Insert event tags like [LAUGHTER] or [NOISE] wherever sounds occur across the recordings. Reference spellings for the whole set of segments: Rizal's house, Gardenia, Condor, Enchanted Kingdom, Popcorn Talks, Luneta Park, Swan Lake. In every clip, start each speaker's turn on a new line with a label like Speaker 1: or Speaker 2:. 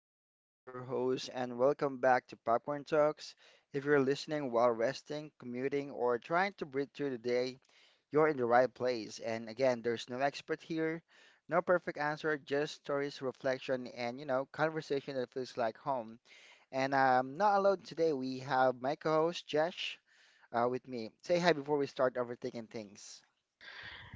Speaker 1: is John, your host, and welcome back to Popcorn Talks. If you're listening while resting, commuting, or trying to breathe through the day, you're in the right place. And again, there's no expert here, no perfect answer, just stories, reflection, and conversation that feels like home. And I'm not alone today. We have my co-host Jesh with me. Say hi before we start overthinking things.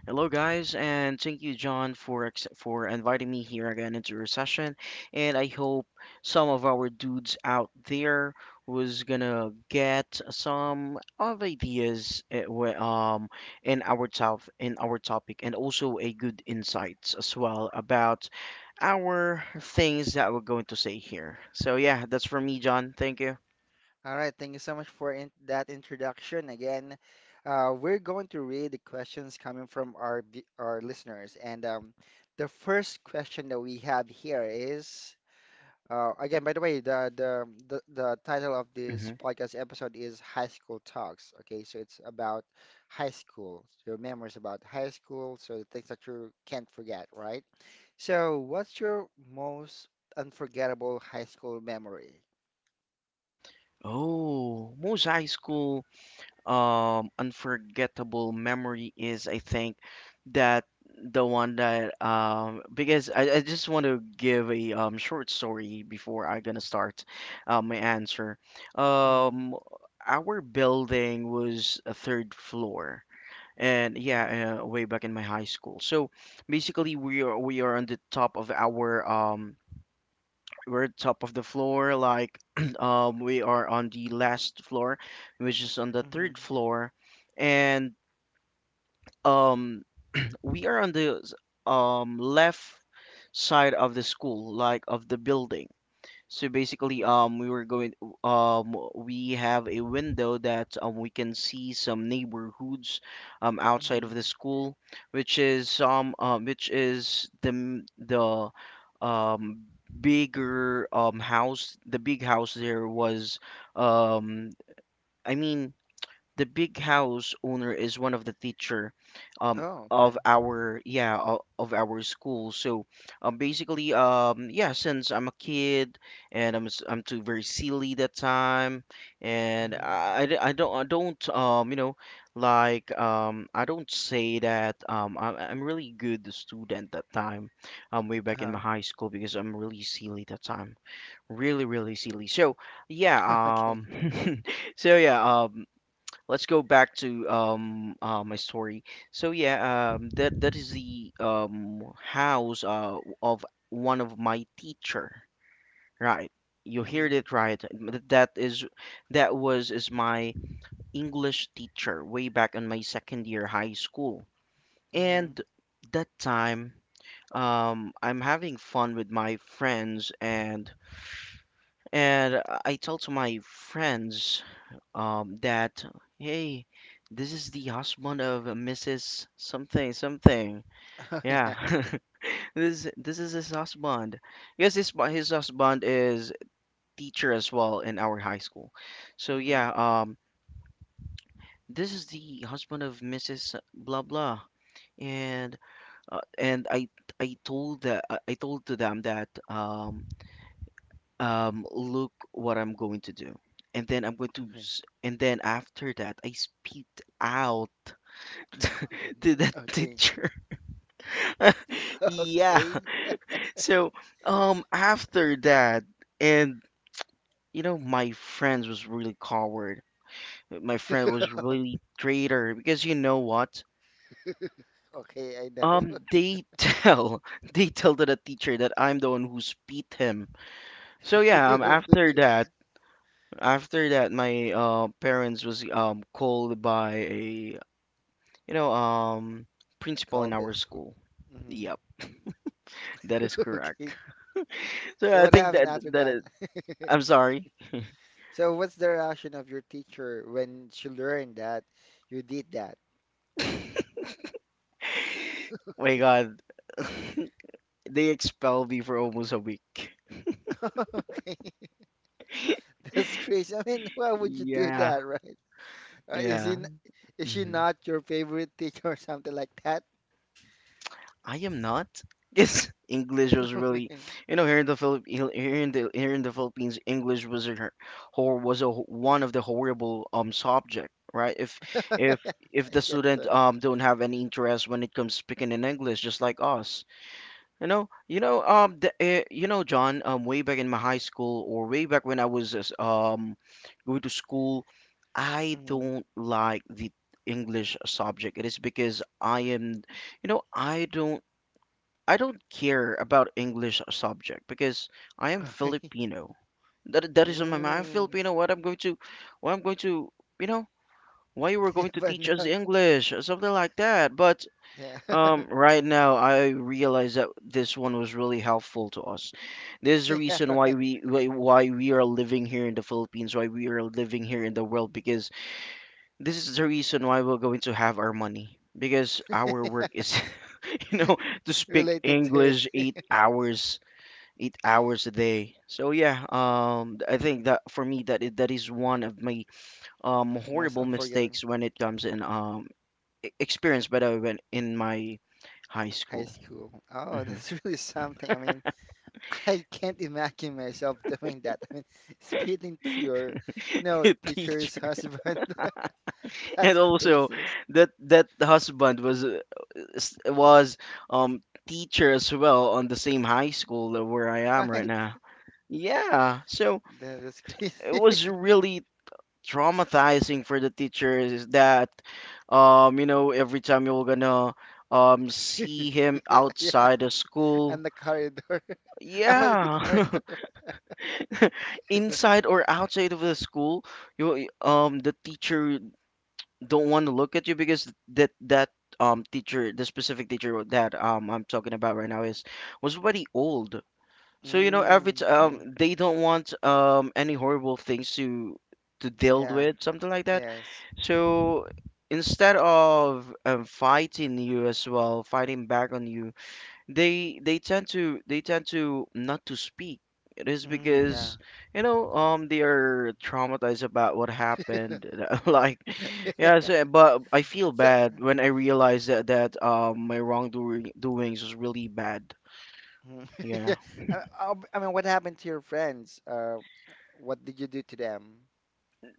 Speaker 2: Hello, guys, and thank you, John, for inviting me here again into your session. And I hope some of our dudes out there was gonna get some of ideas in our topic, and also a good insights as well about our things that we're going to say here. So yeah, that's for me, John. Thank you.
Speaker 1: All right, thank you so much for in that introduction. Again, we're going to read the questions coming from our our listeners, and the first question that we have here is again, by the way, the title of this
Speaker 2: hmm
Speaker 1: podcast episode is High School Talks. Okay, so it's about high school, your memories about high school, so the things that you can't forget, right? So, what's your most unforgettable high school memory?
Speaker 2: Oh, most high school unforgettable memory is I think that the one that because I just want to give a short story before I gonna start my answer.
Speaker 1: hmm
Speaker 2: Um our building was a third floor and yeah way back in my high school. So basically we are on the top of our we're top of the floor like [CLEARS THROAT] we are on the last floor, which is on the
Speaker 1: hmm hmm
Speaker 2: third floor. And um we are on the left side of the school, like of the building. So basically,
Speaker 1: Mm-hmm.
Speaker 2: we were we have a window that we can see some neighborhoods outside of the
Speaker 1: Mm-hmm.
Speaker 2: school, which is the, um, bigger house. The big house there was, um, I mean, the big house owner is one of the teacher um
Speaker 1: Oh, okay.
Speaker 2: of our school. So basically, yeah, since I'm a kid, and I'm I'm too very silly that time. And
Speaker 1: Mm-hmm.
Speaker 2: I d- I don't you know like I don't say that I'm really good student that time way back in
Speaker 1: Uh-huh.
Speaker 2: my high school, because I'm really silly that time. Really silly. So yeah
Speaker 1: [LAUGHS] Okay.
Speaker 2: um [LAUGHS] So yeah, let's go back to my story. So yeah, that is the house of one of my teacher, right? You heard
Speaker 1: Mm-hmm.
Speaker 2: it right. That is that was is my English teacher way back in my second year high school.
Speaker 1: Mm-hmm.
Speaker 2: And that time, I'm having fun with my friends, and I tell to my friends that, hey, this is the husband of Mrs. something something.
Speaker 1: [LAUGHS] Oh,
Speaker 2: Yeah,
Speaker 1: yeah.
Speaker 2: [LAUGHS] this is his husband. Yes, his husband is teacher as well in our high school. So yeah,
Speaker 1: Mm-hmm.
Speaker 2: this is the husband of Mrs. blah blah. And uh, and I I told to them that look what I'm going to do. And then I'm going to
Speaker 1: Okay.
Speaker 2: s- and then after that I spit out to that
Speaker 1: [LAUGHS]
Speaker 2: [LAUGHS]
Speaker 1: Okay.
Speaker 2: teacher. [LAUGHS]
Speaker 1: [LAUGHS]
Speaker 2: Yeah.
Speaker 1: Okay.
Speaker 2: So, after that, and you know, my friends was really coward. My friend was really traitor because you know what?
Speaker 1: Okay, I know. [LAUGHS] Yeah.
Speaker 2: They [LAUGHS] tell to the teacher that I'm the one who beat him. So yeah, after
Speaker 1: [LAUGHS]
Speaker 2: that, my parents was called by a, you know, principal in
Speaker 1: Called by
Speaker 2: our
Speaker 1: school.
Speaker 2: school.
Speaker 1: Mm-hmm.
Speaker 2: Yep, that is
Speaker 1: [LAUGHS] Okay.
Speaker 2: correct. [LAUGHS] So
Speaker 1: So
Speaker 2: I
Speaker 1: what
Speaker 2: think
Speaker 1: happened
Speaker 2: that
Speaker 1: after
Speaker 2: that
Speaker 1: that?
Speaker 2: is
Speaker 1: [LAUGHS]
Speaker 2: I'm sorry.
Speaker 1: So what's the reaction of your teacher when she learned that you did that?
Speaker 2: My God, [LAUGHS] they expelled me for almost a week.
Speaker 1: [LAUGHS] Okay. [LAUGHS] That's crazy. I mean, why would you do
Speaker 2: Yeah,
Speaker 1: that, right? Uh, Is
Speaker 2: yeah.
Speaker 1: he Is she
Speaker 2: hmm
Speaker 1: not your favorite [LAUGHS] teacher or something like that?
Speaker 2: I am not. [LAUGHS] Yes, English was really,
Speaker 1: [LAUGHS]
Speaker 2: you know, here in the Philippines, English was a one of the horrible subject, right? If
Speaker 1: Yeah,
Speaker 2: if
Speaker 1: I
Speaker 2: the
Speaker 1: guess
Speaker 2: student
Speaker 1: so.
Speaker 2: don't have any interest when it comes speaking in English, just like us. You know, you know, John, way back in my high school, or way back when I was going to school, I
Speaker 1: Mm.
Speaker 2: don't like the English subject. It is because I am, you know, I don't care about English subject because I am
Speaker 1: [LAUGHS]
Speaker 2: Filipino. That that is on my mind. I'm
Speaker 1: Mm.
Speaker 2: Filipino. What I'm going to, you know, why you were
Speaker 1: [LAUGHS]
Speaker 2: going to
Speaker 1: But
Speaker 2: teach us
Speaker 1: no,
Speaker 2: English or something like that. But
Speaker 1: yeah,
Speaker 2: right now, I realize that this one was really helpful to us. This
Speaker 1: [LAUGHS]
Speaker 2: is the
Speaker 1: yeah,
Speaker 2: reason why why we are living here in the Philippines, why we are living here in the world, because this is the reason why we're going to have our money. Because our work is,
Speaker 1: [LAUGHS]
Speaker 2: [LAUGHS] you know, to speak
Speaker 1: related to
Speaker 2: English
Speaker 1: it.
Speaker 2: eight
Speaker 1: [LAUGHS]
Speaker 2: hours, 8 hours a day. So yeah, I think that for me that that is one of my
Speaker 1: Most
Speaker 2: horrible
Speaker 1: unforgettable
Speaker 2: mistakes when it comes in experience, by the way, when in my high
Speaker 1: high
Speaker 2: school.
Speaker 1: school. Oh,
Speaker 2: hmm
Speaker 1: that's [LAUGHS] really something. I mean, [LAUGHS] I can't imagine myself doing that. I mean, speaking to your, you
Speaker 2: [LAUGHS]
Speaker 1: know,
Speaker 2: the teacher,
Speaker 1: teacher's husband. [LAUGHS] That's
Speaker 2: and also
Speaker 1: crazy,
Speaker 2: that that husband was was teacher as well on the same high school that where I am right
Speaker 1: right?
Speaker 2: now. Yeah, so
Speaker 1: That is crazy.
Speaker 2: it was really traumatizing for the teachers, is that you know every time you're gonna see him
Speaker 1: [LAUGHS] Yeah, yeah.
Speaker 2: outside the school.
Speaker 1: And the corridor. [LAUGHS] I was the
Speaker 2: Yeah,
Speaker 1: corridor.
Speaker 2: [LAUGHS] inside or outside of the school, you the teacher don't want to look at you because that teacher, the specific teacher that I'm talking about right now, is was already old. So you know, every
Speaker 1: Mm, okay.
Speaker 2: they don't want any horrible things to deal
Speaker 1: Yeah.
Speaker 2: with, something like that.
Speaker 1: Yes.
Speaker 2: So instead of fighting you as well, fighting back on you, they tend to not to speak. It is
Speaker 1: Mm, yeah.
Speaker 2: because you know they are traumatized about what happened. [LAUGHS] Like yeah, so,
Speaker 1: [LAUGHS]
Speaker 2: but I feel
Speaker 1: So,
Speaker 2: bad when I realize that my wrongdoing doings was really bad.
Speaker 1: mm. [LAUGHS] Yeah.
Speaker 2: Yeah.
Speaker 1: I mean, what happened to your friends? What did you do to them?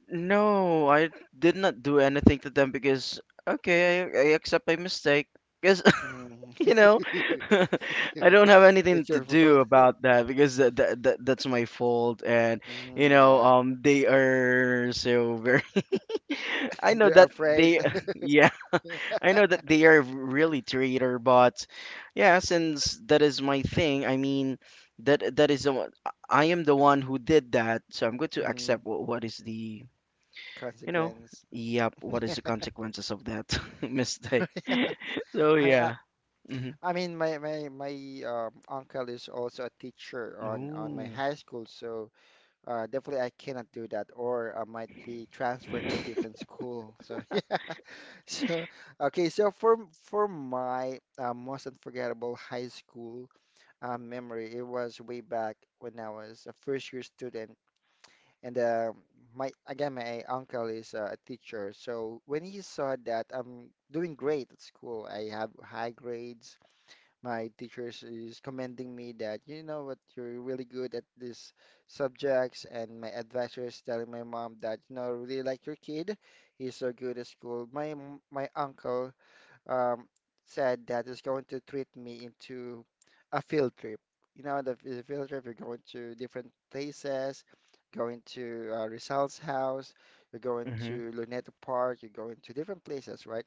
Speaker 2: No, I did not do anything to them because okay, I accept my mistake. Because
Speaker 1: Mm,
Speaker 2: you know [LAUGHS] I don't
Speaker 1: [LAUGHS]
Speaker 2: have anything
Speaker 1: it's
Speaker 2: to
Speaker 1: your
Speaker 2: do
Speaker 1: fault. [LAUGHS]
Speaker 2: about that because that's my fault. And you
Speaker 1: Mm,
Speaker 2: know
Speaker 1: yeah.
Speaker 2: they are so very [LAUGHS] I
Speaker 1: [LAUGHS]
Speaker 2: know
Speaker 1: They're
Speaker 2: that
Speaker 1: afraid.
Speaker 2: they [LAUGHS]
Speaker 1: [LAUGHS]
Speaker 2: yeah, I know that they are really traitor. But yeah, since that is my thing, I mean, that that is the one. I am the one who did that, so I'm going to
Speaker 1: Hmm.
Speaker 2: accept what is the, you know,
Speaker 1: Consequence.
Speaker 2: yep, what is the
Speaker 1: [LAUGHS]
Speaker 2: consequences of that [LAUGHS] mistake.
Speaker 1: Yeah. [LAUGHS]
Speaker 2: [LAUGHS] So yeah. hmm
Speaker 1: I mean, I mean, my uncle is also a teacher on my
Speaker 2: Ooh.
Speaker 1: high school, so definitely, I cannot do that, or I might be transferred to a different school. So [LAUGHS] yeah. So okay. So for my most unforgettable high school memory, it was way back when I was a first year student, and my again my uncle is a teacher. So when he saw that I'm doing great at school, I have high grades, my teachers is commending me that you know what, you're really good at these subjects, and my advisor is telling my mom that you know I really like your kid, he's so good at school. My uncle um said that he's going to treat me into a field trip. You know, the field trip, you're going to different places, going to Rizal's house, you're going
Speaker 2: Mhm,
Speaker 1: to Luneta Park, you're going to different places, right,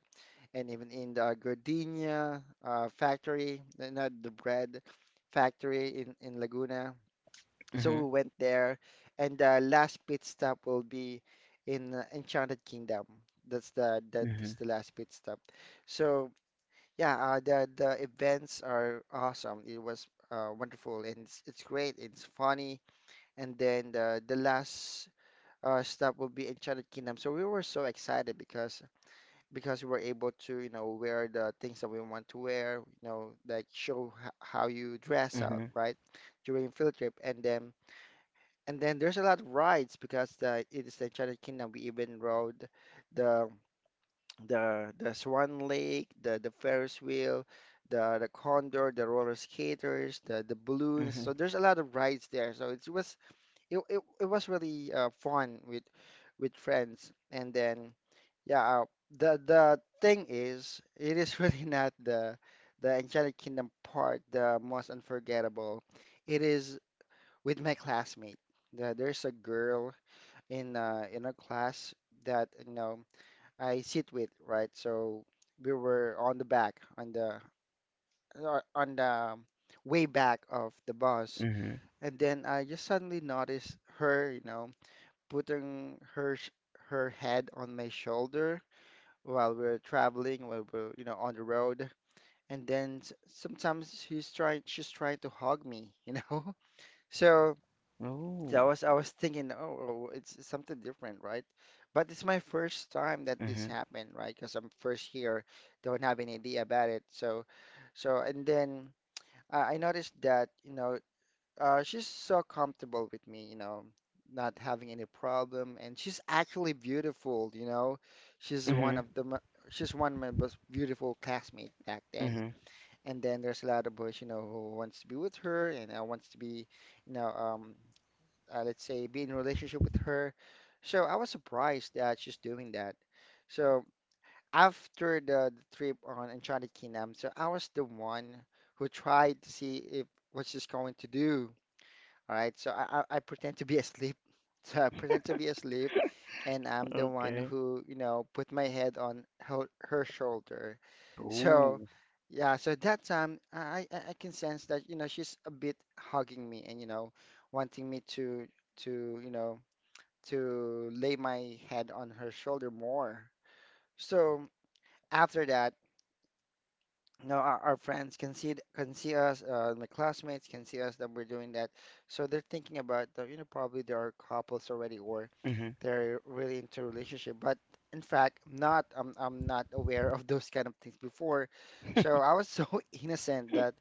Speaker 1: and even in the Gardenia factory, not the bread factory in Laguna. So we
Speaker 2: mhm,
Speaker 1: went there, and the last pit stop will be in Enchanted Kingdom. That's the that's
Speaker 2: mhm,
Speaker 1: the last pit stop. So yeah, the events are awesome. It was wonderful, and it's great. It's funny, and then the last stop will be Enchanted Kingdom. So we were so excited because we were able to, you know, wear the things that we want to wear, you know, like show how you dress out,
Speaker 2: mhm,
Speaker 1: right, during field trip. And then there's a lot of rides because the it is the Enchanted Kingdom. We even rode the the Swan Lake, the Ferris wheel, the Condor, the roller skaters, the balloons.
Speaker 2: mhm,
Speaker 1: So there's a lot of rides there. So it was it was really fun with friends. And then yeah, the thing is, it is [LAUGHS] really not the Enchanted Kingdom part the most unforgettable. It is with my classmate. There's a girl in a class that you know I sit with, right? So we were on the back on the uh, on the um, way back of the bus,
Speaker 2: mhm.
Speaker 1: and then I just suddenly noticed her, you know, putting her head on my shoulder while we're traveling, while we're, you know, on the road. And then she's trying to hug me, you know? [LAUGHS] So that
Speaker 2: Oh,
Speaker 1: was, I was thinking, oh, oh, oh, it's something different, right? But it's my first time that this
Speaker 2: mhm,
Speaker 1: happened, right? Because I'm first here, don't have any idea about it. So, so, and then I noticed that, you know, she's so comfortable with me, you know, not having any problem, and she's actually beautiful, you know. She's one
Speaker 2: mhm,
Speaker 1: of the mo- she's one of my most beautiful classmates back then.
Speaker 2: mhm.
Speaker 1: And then there's a lot of boys, you know, who wants to be with her and wants to be, you know, let's say, be in a relationship with her. So I was surprised that she's doing that. So after the trip on Enchanted Kingdom, so I was the one who tried to see if what she's going to do. All right, so I pretend to be asleep. [LAUGHS] So I pretend to be asleep, and I'm the one
Speaker 2: Okay.
Speaker 1: who, you know, put my head on her shoulder. So,
Speaker 2: Oh,
Speaker 1: yeah, so that time I can sense that, you know, she's a bit hugging me and, you know, wanting me to, you know, to lay my head on her shoulder more. So after that, no, our friends can see can see us. My classmates can see us that we're doing that. So they're thinking about, you know, probably there are couples already, or
Speaker 2: mhm,
Speaker 1: they're really into relationship. But in fact, not. I'm not aware of those kind of things before. So
Speaker 2: [LAUGHS]
Speaker 1: I was so [LAUGHS] innocent that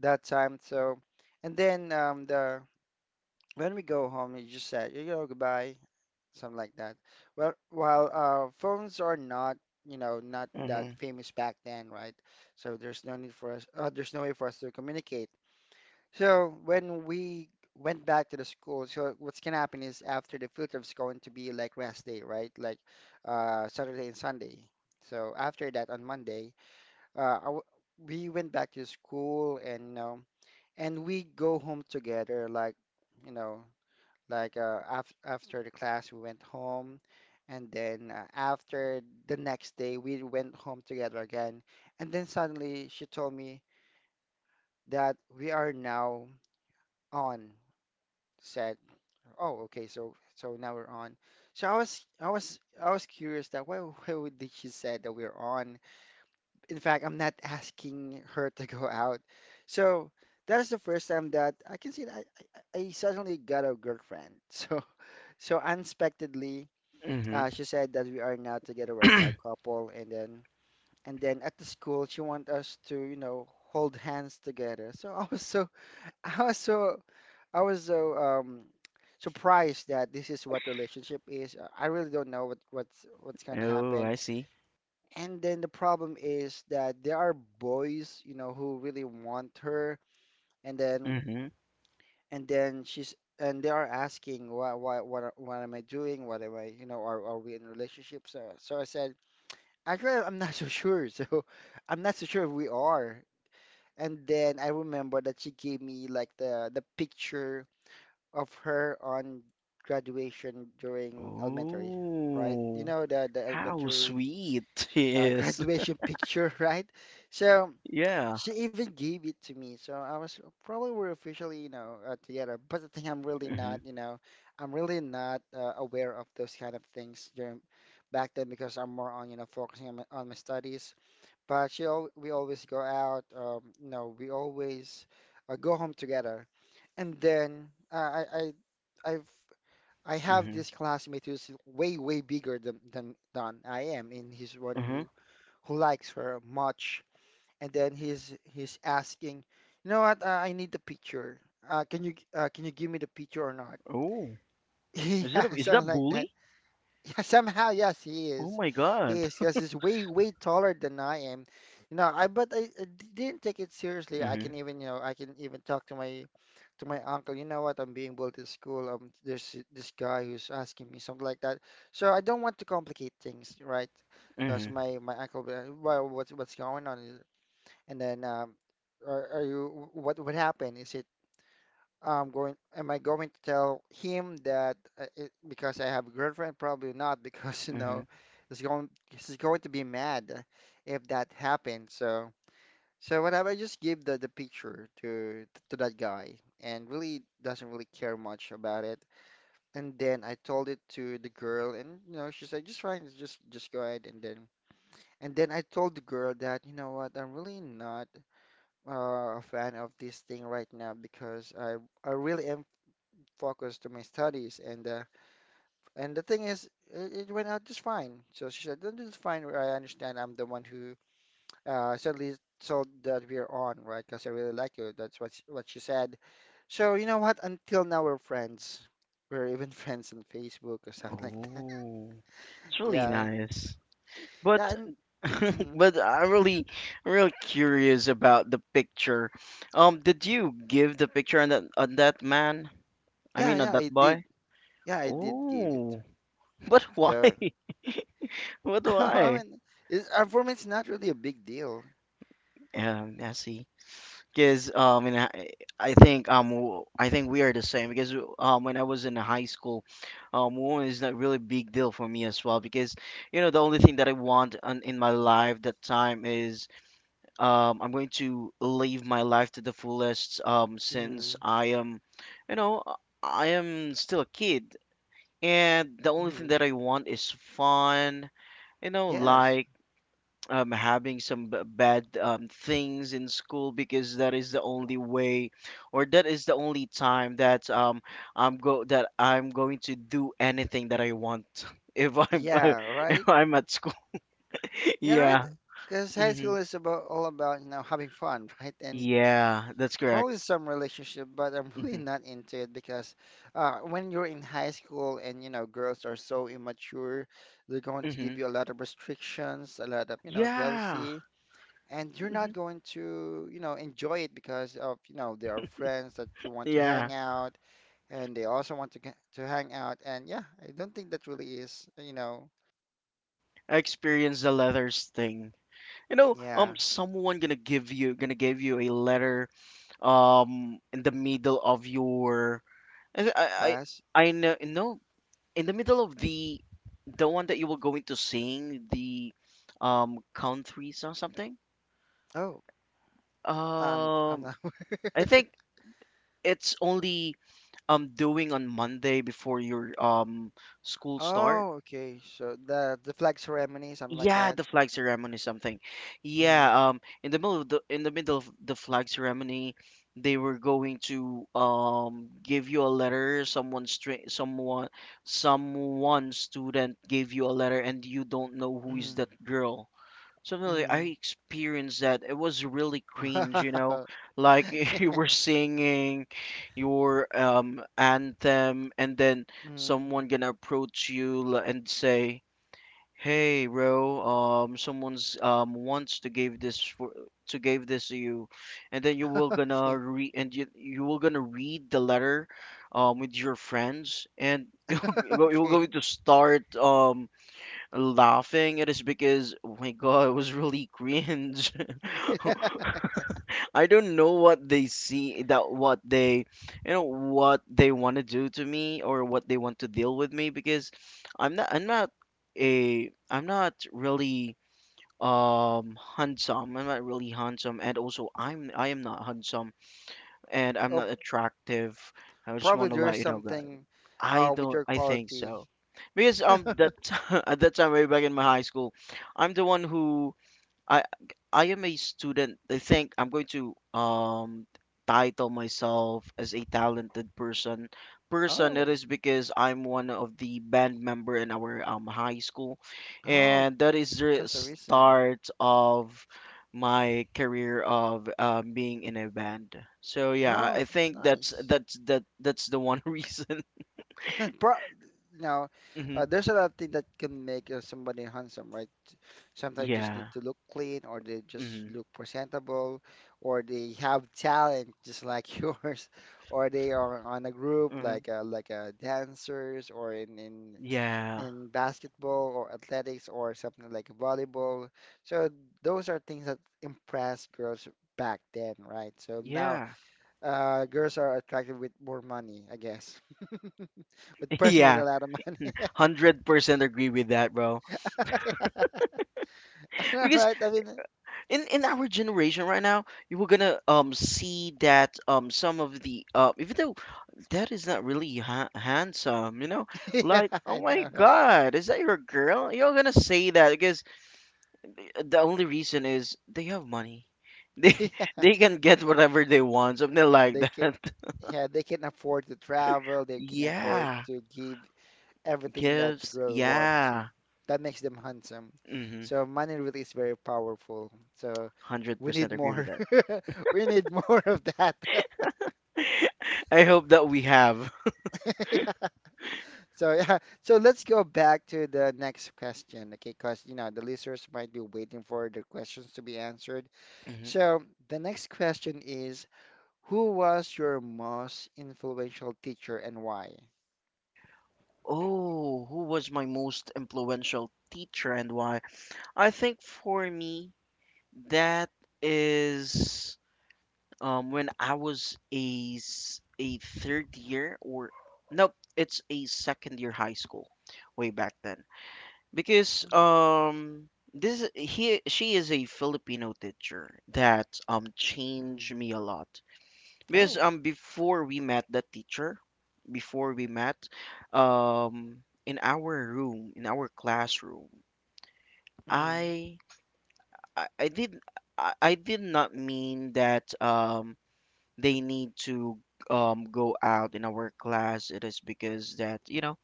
Speaker 1: that time. So and then the when we go home, you just said you know goodbye something like that. Well, while phones are not, you know, not that
Speaker 2: mhm,
Speaker 1: famous back then, right? So there's no need for us. There's no way for us to communicate. So when we went back to the school, so what's gonna happen is after the field trip's going to be like rest day, right? Like Saturday and Sunday. So after that on Monday, I w we went back to school and you know, and we go home together, like you know. Like af after the class, we went home, and then after the next day, we went home together again. And then suddenly she told me that we are now on. Said, "Oh, okay, so so now we're on." So I was curious that why [LAUGHS] why would did she say that we're on? In fact, I'm not [LAUGHS] asking her to go out. So that is the first time that I can see that I suddenly got a girlfriend. [LAUGHS] So so unexpectedly.
Speaker 2: mhm.
Speaker 1: She said that we are now together, we are now couple, and then at the school she want us to, you know, hold hands together. So I was so [LAUGHS] I was so I was so surprised that this is what relationship is. I really don't know what's gonna
Speaker 2: Oh,
Speaker 1: happen.
Speaker 2: I see.
Speaker 1: And then the problem is that there are boys, you know, who really want her, and then
Speaker 2: Mhm.
Speaker 1: and then she's and they are asking why what am I doing? What am I, you know, are we in a relationship? So, so I said. Actually, I'm not [LAUGHS] so sure. So [LAUGHS] I'm not so sure if we are. And then I remember that she gave me like the picture of her on graduation during elementary, right? You
Speaker 2: Oh,
Speaker 1: know the
Speaker 2: how
Speaker 1: elementary
Speaker 2: sweet. [LAUGHS]
Speaker 1: [LAUGHS]
Speaker 2: Yes.
Speaker 1: graduation picture, right? So
Speaker 2: Yeah.
Speaker 1: she even gave it to me. So I was probably we're officially, you know, together. But the thing I'm really
Speaker 2: Mhm,
Speaker 1: not, you know, I'm really not aware of those kind of things during back then because I'm more on, you know, focusing on my studies, but she al we always go out. You know, we always go home together. And then I I've I have
Speaker 2: mhm,
Speaker 1: this classmate who's way way bigger than I am, and he's one
Speaker 2: mhm.
Speaker 1: who likes her much. And then he's asking, you know what? I need the picture. Can you give me the picture or not?
Speaker 2: Oh,
Speaker 1: [LAUGHS] Yeah,
Speaker 2: is
Speaker 1: something
Speaker 2: that
Speaker 1: like that.
Speaker 2: bully?
Speaker 1: Yeah, somehow, yes, he
Speaker 2: Oh
Speaker 1: is.
Speaker 2: my
Speaker 1: He
Speaker 2: God.
Speaker 1: is because he's way, way taller than I am. You know, I but I d- didn't take it seriously. I
Speaker 2: Mhm,
Speaker 1: can even, you know, I can even talk to my uncle. You know what? I'm being bullied at school. There's this guy who's asking me something like that. So I don't want to complicate things, right? Because
Speaker 2: mhm,
Speaker 1: my uncle will be like, well, what's going on? And then, what what happened? Is it I'm going, am I going to tell him that it, because I have a girlfriend? Probably not, [LAUGHS] because
Speaker 2: mhm.
Speaker 1: he's going to be mad if that happens. So, so whatever, I just give the picture to that guy, and really doesn't really care much about it. And then I told it to the girl, and you know, she said, just fine, just go ahead. And then I told the girl that, you know what, I'm really not a fan of this thing right now because I really am focus to my studies. And the thing is, it went out just fine. So she said, "Then it's fine. I understand. I'm the one who suddenly told that we're on, right? Because I really like you." That's what she said. So you know what? Until now, we're friends. We're even [LAUGHS] friends on Facebook or something like that. [LAUGHS]
Speaker 2: Oh, it's really
Speaker 1: Yeah,
Speaker 2: nice. But
Speaker 1: yeah, and
Speaker 2: [LAUGHS]
Speaker 1: mhm.
Speaker 2: but I'm really, real curious about the picture. Did you give the picture on that man? I
Speaker 1: Yeah,
Speaker 2: mean, on
Speaker 1: yeah.
Speaker 2: that
Speaker 1: I did.
Speaker 2: boy?
Speaker 1: Yeah, I did give it.
Speaker 2: Oh, but why?
Speaker 1: To.
Speaker 2: [LAUGHS] But
Speaker 1: So [LAUGHS] I
Speaker 2: why?
Speaker 1: mean, it's, for me, it's not really a big deal.
Speaker 2: I see. Because and I think I think we are the same. Because when I was in high school, woman is not really big deal for me as well. Because you know, the only thing that I want on, in my life that time is I'm going to live my life to the fullest, since
Speaker 1: Hmm.
Speaker 2: I am, you know, I am still a kid. And the only thing
Speaker 1: Hmm.
Speaker 2: that I want is fun, you know,
Speaker 1: Yes.
Speaker 2: like having some bad things in school, because that is the only way, or that is the only time that I'm go that I'm going to do anything that I want [LAUGHS] if I'm
Speaker 1: Yeah,
Speaker 2: [LAUGHS]
Speaker 1: right.
Speaker 2: if I'm at school. [LAUGHS]
Speaker 1: Yeah, right.
Speaker 2: Yeah.
Speaker 1: Because high
Speaker 2: hmm
Speaker 1: school is about all about you know having fun, [LAUGHS] right? And
Speaker 2: Yeah, that's correct.
Speaker 1: probably some relationship, but I'm [LAUGHS] really
Speaker 2: hmm
Speaker 1: not into it because when you're in high school and you know girls are so immature, they're going to
Speaker 2: hmm
Speaker 1: give you a lot of restrictions, a lot of you know
Speaker 2: Yeah.
Speaker 1: jealousy, and you're
Speaker 2: hmm
Speaker 1: not going to you know enjoy it because of you know there are friends that you want to
Speaker 2: Yeah.
Speaker 1: hang out, and they also want to get, to hang out, and yeah, I don't think that really is you know
Speaker 2: I experienced the letters thing. You know,
Speaker 1: yeah
Speaker 2: someone gonna give you a letter in the middle of your I I
Speaker 1: class.
Speaker 2: I I know no, in the middle of the one that you were going to sing the countries or something.
Speaker 1: Oh. I'm
Speaker 2: Um,
Speaker 1: not.
Speaker 2: I
Speaker 1: [LAUGHS]
Speaker 2: think it's only doing on Monday before your school start.
Speaker 1: Oh, okay. So the flag ceremony, something like
Speaker 2: Yeah,
Speaker 1: that.
Speaker 2: the flag ceremony something.
Speaker 1: Mm,
Speaker 2: Yeah, in the middle of the, in the middle of the flag ceremony, they were going to give you a letter. Someone someone student gave you a letter and you don't know who is
Speaker 1: mm,
Speaker 2: that girl. Something like I
Speaker 1: mm.
Speaker 2: experienced that. It was really cringe, you know.
Speaker 1: [LAUGHS] Wow.
Speaker 2: Like [LAUGHS] you were singing your anthem, and then
Speaker 1: Mm.
Speaker 2: someone gonna approach you and say, hey, bro, someone's wants to give this for to give this to you. And then you will
Speaker 1: [LAUGHS]
Speaker 2: gonna
Speaker 1: Okay.
Speaker 2: read and you will gonna read the letter, with your friends, and [LAUGHS] you you're going
Speaker 1: Okay.
Speaker 2: to start laughing. It is because, oh my God, it was really cringe. [LAUGHS]
Speaker 1: [LAUGHS] Yeah.
Speaker 2: I don't know what they see that what they, you know, what they want to do to me or what they want to deal with me because I'm not a I'm not really handsome. I'm not really handsome and also I'm I am not handsome and I'm
Speaker 1: Oh,
Speaker 2: not attractive. I just
Speaker 1: probably
Speaker 2: want to
Speaker 1: there
Speaker 2: let
Speaker 1: is
Speaker 2: you know, guys.
Speaker 1: something
Speaker 2: I
Speaker 1: with
Speaker 2: don't
Speaker 1: your
Speaker 2: I think
Speaker 1: quality.
Speaker 2: so, because that [LAUGHS] at that time, way back in my high school, I'm the one who I I am a student. I think I'm going to title myself as a talented person. It
Speaker 1: Oh.
Speaker 2: is because I'm one of the band member in our high school,
Speaker 1: Oh,
Speaker 2: and that is the
Speaker 1: that's the reason.
Speaker 2: start of my career of being in a band. So yeah, I
Speaker 1: Oh,
Speaker 2: I
Speaker 1: that's
Speaker 2: think that's
Speaker 1: nice.
Speaker 2: that's that that's the one [LAUGHS] reason.
Speaker 1: [LAUGHS] Pro you know,
Speaker 2: Mhm.
Speaker 1: there's a lot of things that can make somebody handsome, right? Sometimes just need
Speaker 2: Yeah.
Speaker 1: to look clean, or they just
Speaker 2: Mm-hmm.
Speaker 1: look presentable, or they have talent just like [LAUGHS] yours, or they are on a group
Speaker 2: hmm
Speaker 1: like dancers, or in in
Speaker 2: Yeah.
Speaker 1: in basketball or athletics or something like volleyball. So those are things that impress girls back then, right? So now
Speaker 2: Yeah.
Speaker 1: girls are attracted with more money, I guess, [LAUGHS] with
Speaker 2: [LAUGHS]
Speaker 1: person with a
Speaker 2: Yeah.
Speaker 1: lot of money.
Speaker 2: 100% agree with that, bro.
Speaker 1: [LAUGHS] I
Speaker 2: Because
Speaker 1: right? I mean,
Speaker 2: in our generation right now, you were gonna see that, some of the even though that is not really handsome, you know,
Speaker 1: [LAUGHS] yeah,
Speaker 2: like oh
Speaker 1: I
Speaker 2: my
Speaker 1: know, right?
Speaker 2: god, is that your girl? You're gonna say that because the only reason is they have money, they [LAUGHS] they
Speaker 1: [LAUGHS] Yeah,
Speaker 2: can get whatever they want, something like
Speaker 1: they can,
Speaker 2: that.
Speaker 1: yeah, they can afford to travel.
Speaker 2: [LAUGHS]
Speaker 1: They can afford
Speaker 2: Yeah,
Speaker 1: to give everything that the
Speaker 2: gifts,
Speaker 1: girl wants. So
Speaker 2: yeah.
Speaker 1: that makes them handsome.
Speaker 2: Mm-hmm.
Speaker 1: So money really is very powerful. So we
Speaker 2: 100%
Speaker 1: need
Speaker 2: agree with
Speaker 1: more.
Speaker 2: that.
Speaker 1: [LAUGHS] We need more of that. [LAUGHS]
Speaker 2: [LAUGHS] I hope that we have.
Speaker 1: Yeah. So yeah. So let's go back to the next question, okay? Because you know the listeners might be waiting for the questions to be answered.
Speaker 2: [LAUGHS]
Speaker 1: So the next question is, who was your most influential teacher and why?
Speaker 2: Oh, who was my most influential teacher and why? I think for me, that is when I was a a third year, or nope, it's a second year high school way back then. Because
Speaker 1: Mm,
Speaker 2: this he she is a Filipino teacher that changed
Speaker 1: mm.
Speaker 2: me a lot. Because
Speaker 1: Oh.
Speaker 2: before we met the teacher, before we met, in our room, in our classroom,
Speaker 1: Mm,
Speaker 2: I I did I did not mean that they need to go out in our class. It is because that, you know,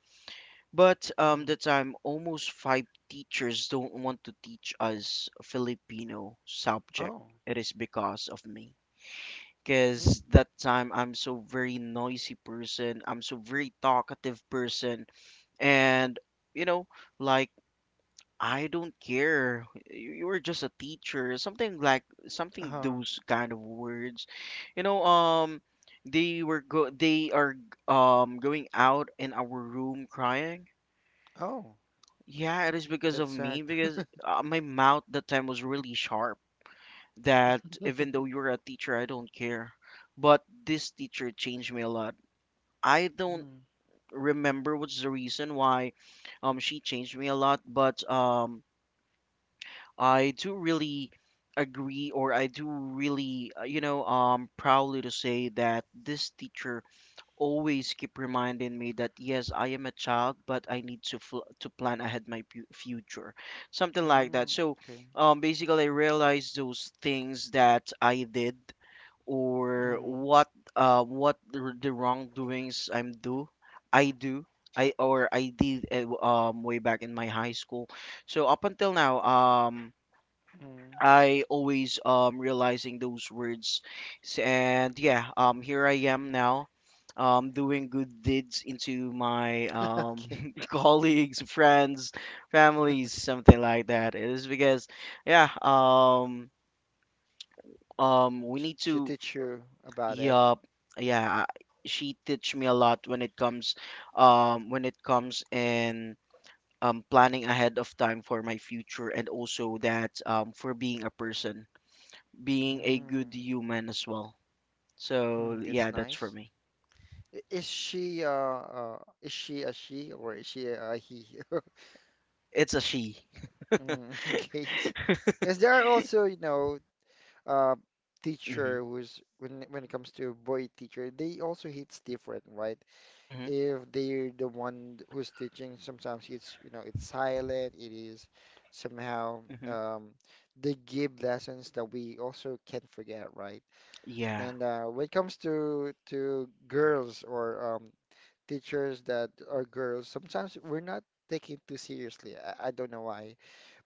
Speaker 2: but the
Speaker 1: mm.
Speaker 2: time almost five teachers don't want to teach us Filipino subject.
Speaker 1: Oh.
Speaker 2: It is because of me. Because
Speaker 1: Mm.
Speaker 2: that time I'm so very noisy person. I'm so very talkative person, and you know, like I don't care. You were just a teacher, something like something,
Speaker 1: Uh-huh.
Speaker 2: those kind of words. You know, they were go. They are going out in our room crying.
Speaker 1: Oh.
Speaker 2: Yeah, it is because of
Speaker 1: That's sad.
Speaker 2: me because
Speaker 1: [LAUGHS]
Speaker 2: my mouth that time was really sharp. That even though you're a teacher, I don't care. But this teacher changed me a lot. I don't
Speaker 1: Mm,
Speaker 2: remember what's the reason why she changed me a lot, but I do really agree, or I do really you know, proudly to say that this teacher always keep reminding me that yes, I am a child, but I need to to plan ahead my future. Something like that.
Speaker 1: mm.
Speaker 2: So
Speaker 1: Okay.
Speaker 2: basically I realized those things that I did, or
Speaker 1: Mm,
Speaker 2: what the wrongdoings I'm do I or I did way back in my high school. So up until now,
Speaker 1: mm.
Speaker 2: I always realizing those words. And yeah, here I am now. Doing good deeds into my
Speaker 1: [LAUGHS] Okay.
Speaker 2: [LAUGHS] colleagues, friends, families, something like that. It is because, yeah, we
Speaker 1: Sh-
Speaker 2: need
Speaker 1: She
Speaker 2: to.
Speaker 1: teach you about it.
Speaker 2: Yeah, yeah, she teach me a lot when it comes in planning ahead of time for my future, and also that for being a person, being a
Speaker 1: Mm.
Speaker 2: good human as well.
Speaker 1: Hmm,
Speaker 2: So
Speaker 1: that's
Speaker 2: yeah, that's for
Speaker 1: nice.
Speaker 2: me.
Speaker 1: Is she a she or is she a he? [LAUGHS]
Speaker 2: It's a she.
Speaker 1: Mm, [LAUGHS] okay. Because there are also, you know, uh,
Speaker 2: Mhm.
Speaker 1: teacher who's when it comes to boy teacher, they also hits different, right?
Speaker 2: Mhm.
Speaker 1: If they're the one who's teaching, sometimes it's, you know, it's silent, it is somehow
Speaker 2: Mhm.
Speaker 1: they give lessons that we also can not forget, right?
Speaker 2: Yeah.
Speaker 1: And when it comes to girls or teachers that are girls, sometimes we're not taken too seriously. I don't know why,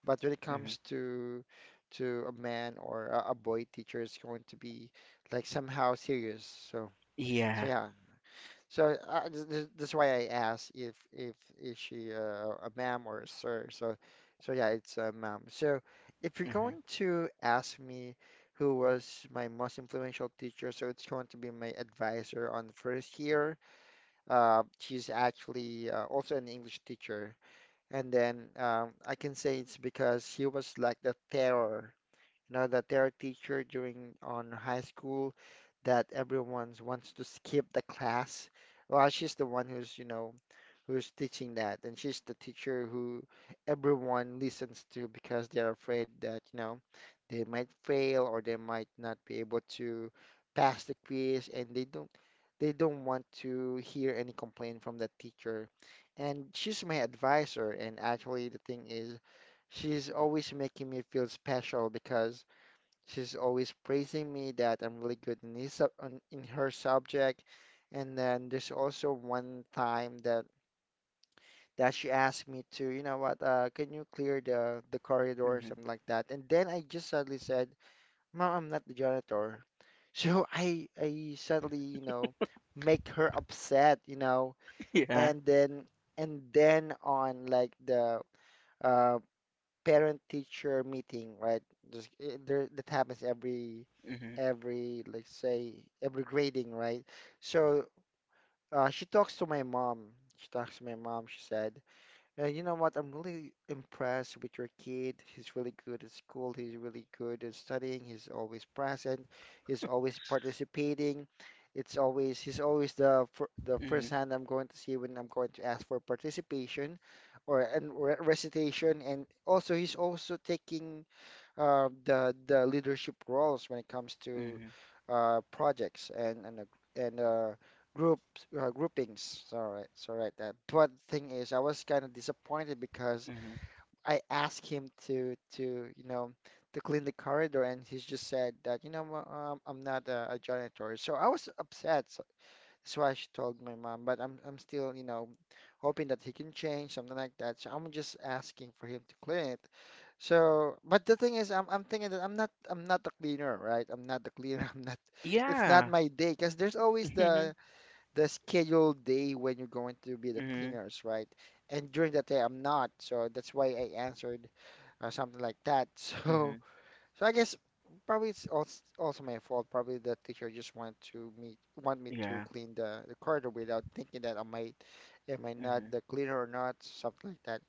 Speaker 1: but when it
Speaker 2: Mhm.
Speaker 1: comes to a man or a boy teacher, it's going to be like somehow serious. So so
Speaker 2: Yeah.
Speaker 1: yeah, so this why I asked if is she a ma'am or a sir. So so yeah, it's a ma'am. So if you're
Speaker 2: Mhm.
Speaker 1: going to ask me who was my most influential teacher, so it's going to be my advisor on the first year. She's actually also an English teacher, and then I can say it's because she was like the terror, you know, the terror teacher during on high school that everyone wants to skip the class. Well, she's the one who's, you know, who's teaching that, and she's the teacher who everyone listens to because they're afraid that, you know, they might fail or they might not be able to pass the quiz, and they don't want to hear any complaint from that teacher. And she's my advisor, and actually the thing is, she's always making me feel special because she's always praising me that I'm really good in in her subject. And then there's also one time that that she asked me to, you know what, can you clear the corridor or
Speaker 2: Mhm.
Speaker 1: something like that? And then I just suddenly said, Mom, I'm not the janitor. [LAUGHS] So I suddenly, you know, make her upset, you know,
Speaker 2: [LAUGHS] Yeah.
Speaker 1: and then and then on like the uh, parent-teacher meeting, right? Just eh, there that happens
Speaker 2: Mhm.
Speaker 1: every let's say every grading, right? So she talks to my mom. She talks to my mom. She said, you know what? I'm really impressed with your kid. He's really good at school. He's really good at studying. He's always present. He's always participating. It's always he's always the fir the first
Speaker 2: Mhm.
Speaker 1: hand I'm going to see when I'm going to ask for participation or and re recitation. And also he's also taking the leadership roles when it comes to
Speaker 2: Mhm.
Speaker 1: projects and groups groupings. Sorry, sorry right that. But thing is, I was kind of disappointed because
Speaker 2: Mhm.
Speaker 1: I asked him to you know to clean the corridor, and he just said that you know "Ma- I'm not a, a janitor. So I was upset. So that's why she told my mom. But I'm still you know hoping that he can change something like that. So I'm just asking for him to clean it. So, but the thing is, I'm thinking that I'm not the cleaner, right? I'm not the cleaner. [LAUGHS] I'm not. It's not
Speaker 2: Yeah.
Speaker 1: my day because there's always
Speaker 2: Mhm.
Speaker 1: the scheduled day when you're going to be the
Speaker 2: Mhm.
Speaker 1: cleaners, right? And during that day, I'm not. So that's why I answered something like that. [LAUGHS] So
Speaker 2: Mhm.
Speaker 1: so I guess probably it's also my fault. Probably the teacher just want me to
Speaker 2: Yeah.
Speaker 1: clean the corridor without thinking that am I not
Speaker 2: Mhm.
Speaker 1: the cleaner or not, something like that.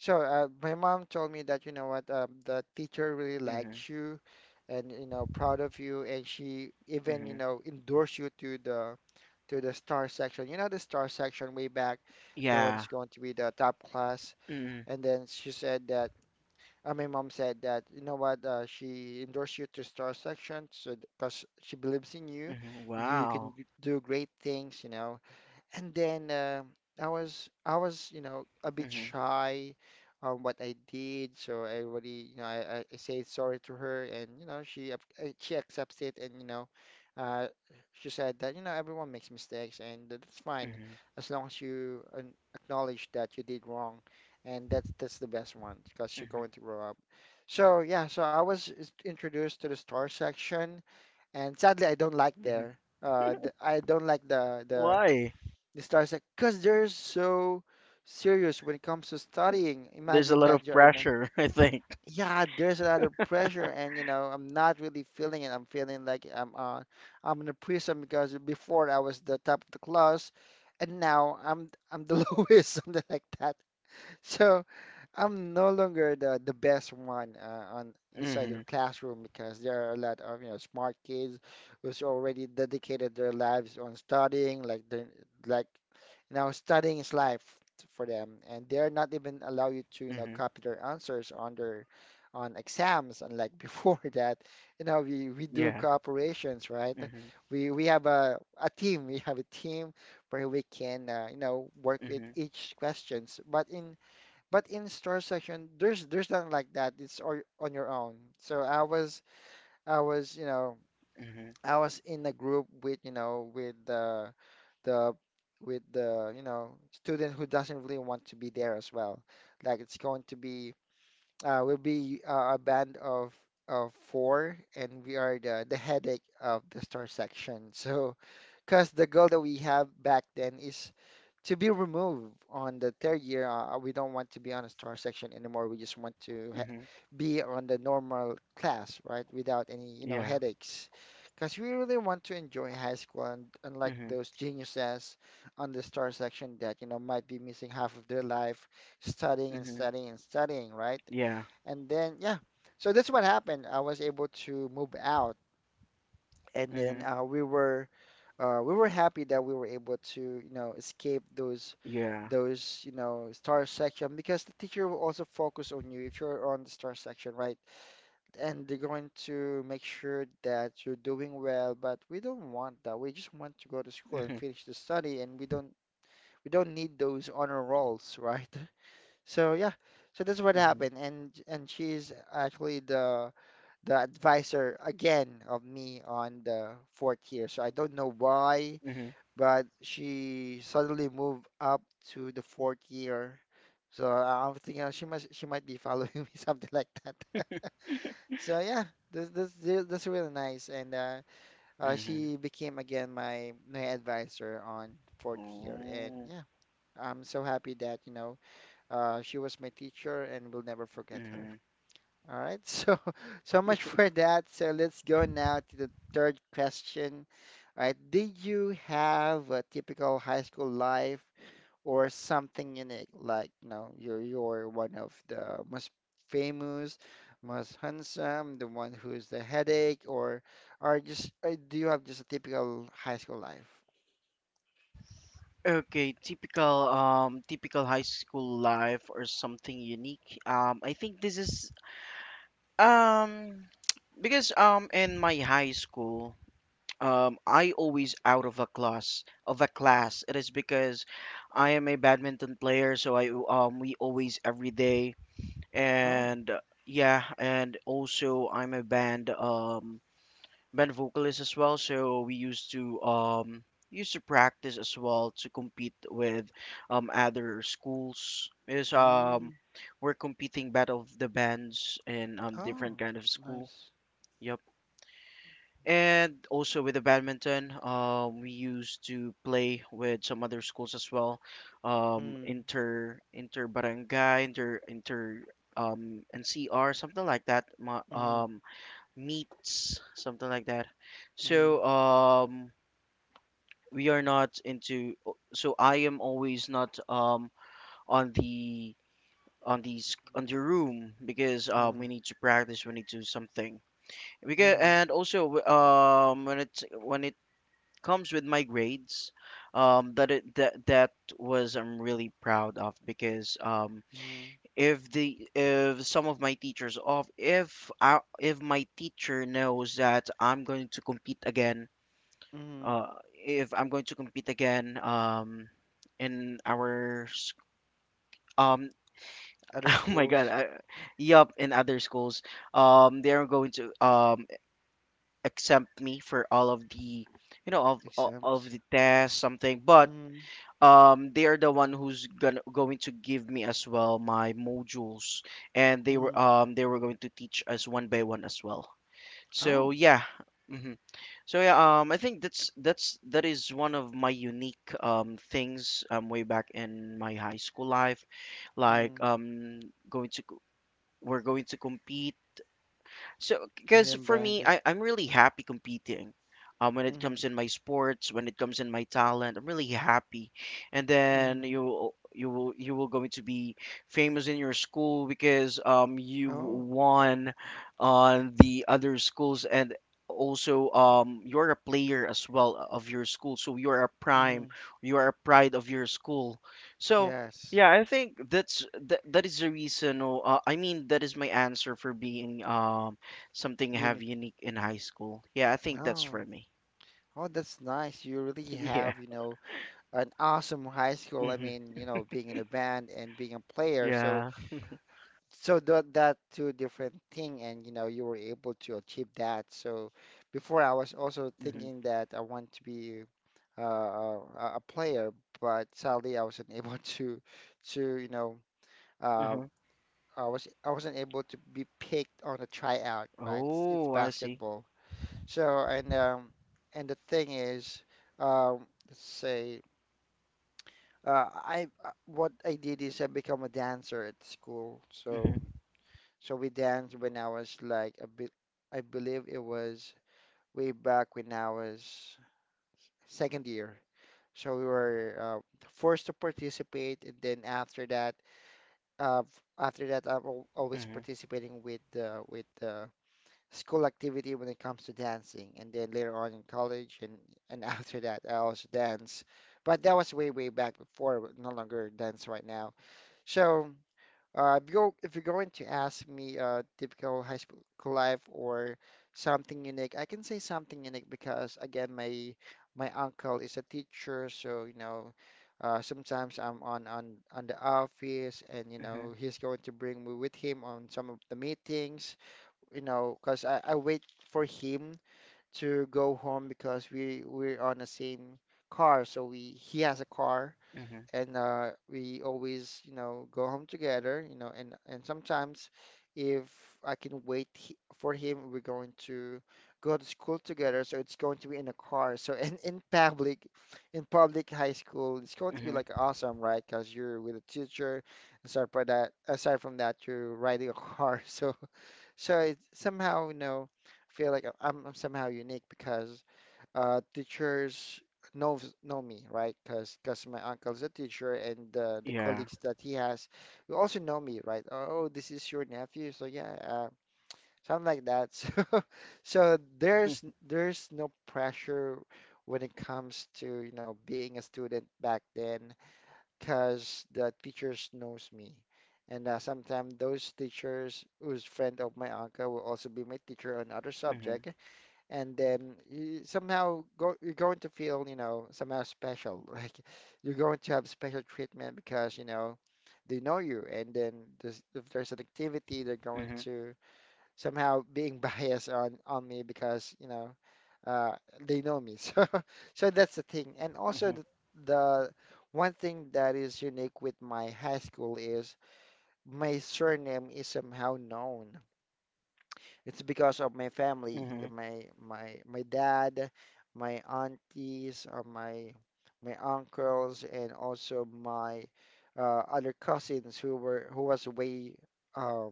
Speaker 1: So, my mom told me that, you know what, the teacher really
Speaker 2: Mhm.
Speaker 1: likes you and, you know, proud of you. And she even, you
Speaker 2: Mhm.
Speaker 1: know, endorsed you to the star section. You know, the star section way back, the one's
Speaker 2: Yeah.
Speaker 1: going to be the top class.
Speaker 2: Mm,
Speaker 1: And then she said that, my mom said that, you know what, she endorsed you to star section so because she believes in you.
Speaker 2: mhm,
Speaker 1: You can
Speaker 2: wow.
Speaker 1: do great things, you know. And then I was you know a bit
Speaker 2: hmm
Speaker 1: shy on what I did, so I already you know I said sorry to her, and you know she accepts it, and you know uh, she said that you know everyone makes mistakes, and that's fine
Speaker 2: hmm
Speaker 1: as long as you acknowledge that you did wrong, and that's the best one because you're
Speaker 2: hmm
Speaker 1: going to grow up. So yeah, so I was introduced to the store section, and sadly I don't like
Speaker 2: hmm
Speaker 1: there. I don't like the the
Speaker 2: Why?
Speaker 1: the star's like, because they're so serious when it comes to studying.
Speaker 2: There's a
Speaker 1: Imagine
Speaker 2: lot
Speaker 1: that
Speaker 2: of pressure, [LAUGHS] I think.
Speaker 1: yeah, there's a lot of pressure, and you know, I'm not really feeling it. I'm feeling like I'm in a prison because before I was the top of the class, and now I'm the [LAUGHS] lowest, something like that. So I'm no longer the best one on inside
Speaker 2: hmm
Speaker 1: their classroom because there are a lot of smart kids who's already dedicated their lives on studying, like they like studying is life for them, and they're not even allow you to,
Speaker 2: hmm
Speaker 1: copy their answers on their on exams, unlike [LAUGHS] before that, we do
Speaker 2: Yeah.
Speaker 1: cooperations, right?
Speaker 2: hmm
Speaker 1: We have a team where we can, work with
Speaker 2: hmm
Speaker 1: each questions. But in store section, there's nothing like that. It's all on your own. So I was, you know,
Speaker 2: hmm
Speaker 1: I was in a group with, you know, with the with the student who doesn't really want to be there as well. Like it's going to be we'll be a band of four, and we are the headache of the store section. So, because the goal that we have back then is to be removed on the third year. We don't want to be on a star section anymore. We just want to ha
Speaker 2: hmm
Speaker 1: be on the normal class, right? Without any
Speaker 2: Yeah.
Speaker 1: headaches. Because we really want to enjoy high school, and unlike
Speaker 2: hmm
Speaker 1: those geniuses on the star section that, might be missing half of their life studying and
Speaker 2: hmm
Speaker 1: studying and studying, right?
Speaker 2: Yeah.
Speaker 1: And then, yeah. So that's what happened. I was able to move out, and then
Speaker 2: hmm
Speaker 1: we were happy that we were able to, escape those
Speaker 2: Yeah.
Speaker 1: those star section, because the teacher will also focus on you if you're on the star section, right? And they're going to make sure that you're doing well, but we don't want that. We just want to go to school and
Speaker 2: hmm
Speaker 1: finish the study, and we don't need those honor rolls, right? [LAUGHS] So yeah, so that's what
Speaker 2: hmm
Speaker 1: happened, and she's actually the advisor again of me on the fourth year. So I don't know why,
Speaker 2: hmm
Speaker 1: but she suddenly moved up to the fourth year. So I'm thinking she must she might be following [LAUGHS] me, something like that. [LAUGHS] So yeah, this really nice, and
Speaker 2: hmm
Speaker 1: she became again my advisor on fourth year, and
Speaker 2: Oh.
Speaker 1: yeah, I'm so happy that she was my teacher, and we'll never forget her.
Speaker 2: hmm
Speaker 1: All right, [LAUGHS] so much for that. So let's go now to the third question. All right, did you have a typical high school life or something unique, like you're one of the most famous, most handsome, the one who's the headache, or just do you have just a typical high school life?
Speaker 2: Okay, typical typical high school life or something unique. I think this is um [TSK] because in my high school, I always out of a class. It is because I am a badminton player, so I we always every day,
Speaker 1: Oh.
Speaker 2: and yeah, and also I'm a band band vocalist as well. So we used to used to practice as well to compete with other schools. Is
Speaker 1: Mm.
Speaker 2: We're competing battle of the bands in different
Speaker 1: Oh,
Speaker 2: kind of school.
Speaker 1: nice.
Speaker 2: Yep. And also with the badminton, we used to play with some other schools as well,
Speaker 1: Mm,
Speaker 2: inter barangay, inter inter NCR, something like that,
Speaker 1: mm,
Speaker 2: meets, something like that.
Speaker 1: mm,
Speaker 2: So we are not into. So I am always not on the on the room because we
Speaker 1: mm,
Speaker 2: need to practice, we need to do something. Because
Speaker 1: mm,
Speaker 2: and also when it's when it comes with my grades, that it that that was I'm really proud of because
Speaker 1: mm,
Speaker 2: if the if some of my teachers of if I, if my teacher knows that I'm going to compete again,
Speaker 1: mm.
Speaker 2: uh if I'm going to compete again, in our sc- um [LAUGHS]
Speaker 1: Other
Speaker 2: oh my god,
Speaker 1: schools.
Speaker 2: yup, in other schools they are going to exempt me for all of the, you know, of
Speaker 1: Exams.
Speaker 2: the tests something, but
Speaker 1: Mm,
Speaker 2: they are the one who's gonna going to give me as well my modules, and
Speaker 1: mm.
Speaker 2: they were going to teach us one by one as well, so
Speaker 1: Oh.
Speaker 2: yeah. hmm so yeah, I think that is one of my unique things, way back in my high school life,
Speaker 1: Mm.
Speaker 2: like going to co- we're going to compete. So
Speaker 1: And
Speaker 2: because
Speaker 1: then
Speaker 2: for me,
Speaker 1: bandit.
Speaker 2: I'm really happy competing. When it comes
Speaker 1: Mm,
Speaker 2: in my sports, when it comes in my talent, I'm really happy. And then
Speaker 1: mm.
Speaker 2: you will going to be famous in your school because you
Speaker 1: Oh.
Speaker 2: won on the other schools, and also you're a player as well of your school, so
Speaker 1: Mm.
Speaker 2: you are a pride of your school. So
Speaker 1: Yes.
Speaker 2: yeah, I think that is the reason. Or I mean, that is my answer for being something have
Speaker 1: Unique.
Speaker 2: unique in high school. Yeah, I think that's for
Speaker 1: Oh,
Speaker 2: me.
Speaker 1: oh, that's nice. You really
Speaker 2: [LAUGHS] Yeah.
Speaker 1: have, an awesome high school. I
Speaker 2: hmm
Speaker 1: mean, being in a band and being a player. So,
Speaker 2: Yeah.
Speaker 1: so that two different thing, and you were able to achieve that. So, before I was also
Speaker 2: hmm
Speaker 1: thinking that I want to be a player, but sadly I wasn't [LAUGHS] able to uh,
Speaker 2: hmm
Speaker 1: I wasn't able to be picked on a tryout. Right? It's
Speaker 2: Oh, I see.
Speaker 1: basketball. So, and the thing is, let's say I what I did is I become a dancer at school. So
Speaker 2: hmm
Speaker 1: we danced when I was like a bit. I believe it was way back when I was second year. So we were forced to participate, and then after that, I'm al always
Speaker 2: hmm
Speaker 1: participating with school activity when it comes to dancing. And then later on in college, and [LAUGHS] after that, I also dance. But that was way, way back before, no longer dance right now. So if you're going to ask me typical high school life or something unique, I can say something unique because, again, my uncle is a teacher. So, sometimes I'm on the office, and,
Speaker 2: hmm
Speaker 1: he's going to bring me with him on some of the meetings, because I wait for him to go home, because we're on the same car, so we he has a car,
Speaker 2: hmm
Speaker 1: and we always go home together, and sometimes if I can wait for him, we're going to go to school together, so it's going to be in a car. So [LAUGHS] in public high school, it's going to be
Speaker 2: hmm
Speaker 1: like awesome, right? Because you're with a teacher. Aside from that, you're riding a car, [LAUGHS] so. So I somehow, feel like I'm somehow unique, because teachers know know me, right? Because my uncle's a teacher, and the
Speaker 2: Yeah.
Speaker 1: colleagues that he has will also know me, right? Oh, this is your nephew, so yeah, something like that. [LAUGHS] So there's no pressure when it comes to, being a student back then, because the teachers knows me. And sometimes those teachers who's friend of my uncle will also be my teacher on other
Speaker 2: Mm-hmm.
Speaker 1: subject. And then you're going to feel, somehow special. [LAUGHS] Like you're going to have special treatment because, they know you. And then if there's an activity, they're going
Speaker 2: Mm-hmm.
Speaker 1: to somehow being [LAUGHS] biased on me, because uh, they know me. [LAUGHS] So that's the thing. And also
Speaker 2: Mm-hmm.
Speaker 1: the one thing that is unique with my high school is my surname is somehow known. It's because of my family,
Speaker 2: Mm-hmm.
Speaker 1: my dad, my aunties, or my uncles, and also my other cousins who were who was way um,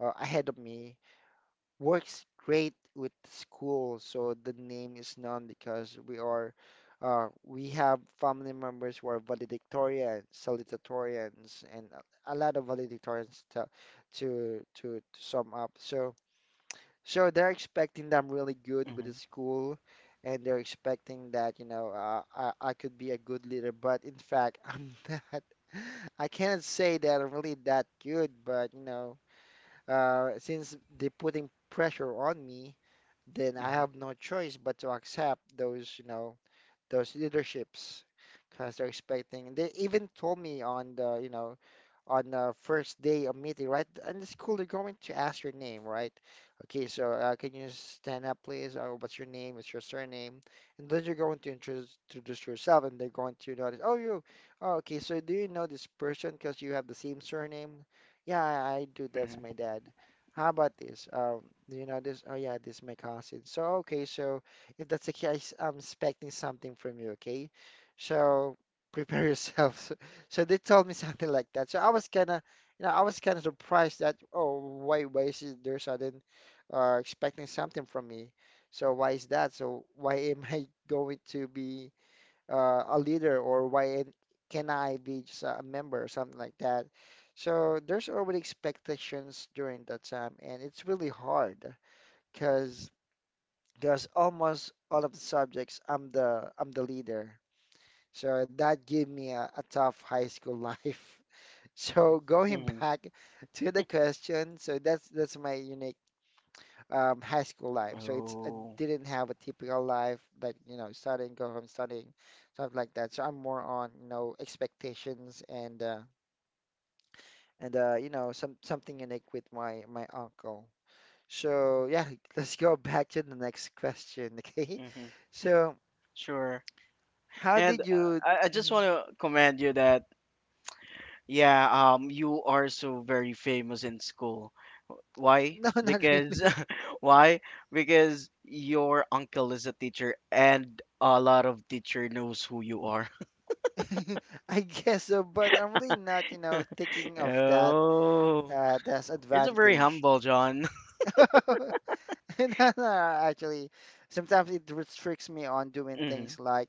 Speaker 1: ahead of me, works great with school, so the name is known, because we have family members who are valedictorian, salutatorians, and a lot of valedictorians to to sum up. So they're expecting that I'm really good with the
Speaker 2: Mm-hmm.
Speaker 1: school, and they're expecting that I could be a good leader, but in fact [LAUGHS] I'm not. I cannot say that I'm really that good, but since they're putting pressure on me, then I have no choice but to accept those, those leaderships, because they're expecting. They even told me on the, on the first day of meeting, right? And it's cool, they're going to ask your name, right? Okay, so can you stand up, please? Or what's your name? What's your surname? And then you're going to introduce yourself, and they're going to notice, oh, you, oh, okay, so do you know this person because you have the same surname? Yeah, I do. That's
Speaker 2: Mm-hmm.
Speaker 1: my dad. How about this? Do you know this? Oh, yeah, this is my cousin. So, okay, so. If that's the case, I'm expecting something from you, okay? So prepare yourself. [LAUGHS] So, so they told me something like that. So I was kind of surprised that, oh, why, is it there sudden, expecting something from me? So why is that? So why am I [LAUGHS] going to be a leader, or can I be just a member, or something like that? So there's already expectations during that time, and it's really hard, because because almost all of the subjects I'm the leader. So that gave me a tough high school life. [LAUGHS] So going
Speaker 2: Mm-hmm.
Speaker 1: back to the question, so that's my unique high school life. So it's I
Speaker 2: Oh.
Speaker 1: didn't have a typical life, like studying, go home studying, stuff like that. So I'm more on expectations, and and something unique with my uncle. So yeah, [LAUGHS] let's go back to the next question, [LAUGHS] okay?
Speaker 2: Mm-hmm.
Speaker 1: So.
Speaker 2: Sure.
Speaker 1: How
Speaker 2: And
Speaker 1: did you?
Speaker 2: I just
Speaker 1: Mhm.
Speaker 2: want to commend you that yeah, you are so very famous in school. Why?
Speaker 1: No, [LAUGHS] not
Speaker 2: Because
Speaker 1: really.
Speaker 2: [LAUGHS] why? Because your uncle is a teacher and a lot of teacher knows who you are. [LAUGHS]
Speaker 1: [LAUGHS] I guess so, but I'm really not, thinking of that
Speaker 2: Oh,
Speaker 1: as
Speaker 2: it's a very
Speaker 1: advantage.
Speaker 2: humble, John.
Speaker 1: [LAUGHS] No, no, actually, sometimes it restricts me on
Speaker 2: [LAUGHS]
Speaker 1: doing
Speaker 2: hmm
Speaker 1: things like,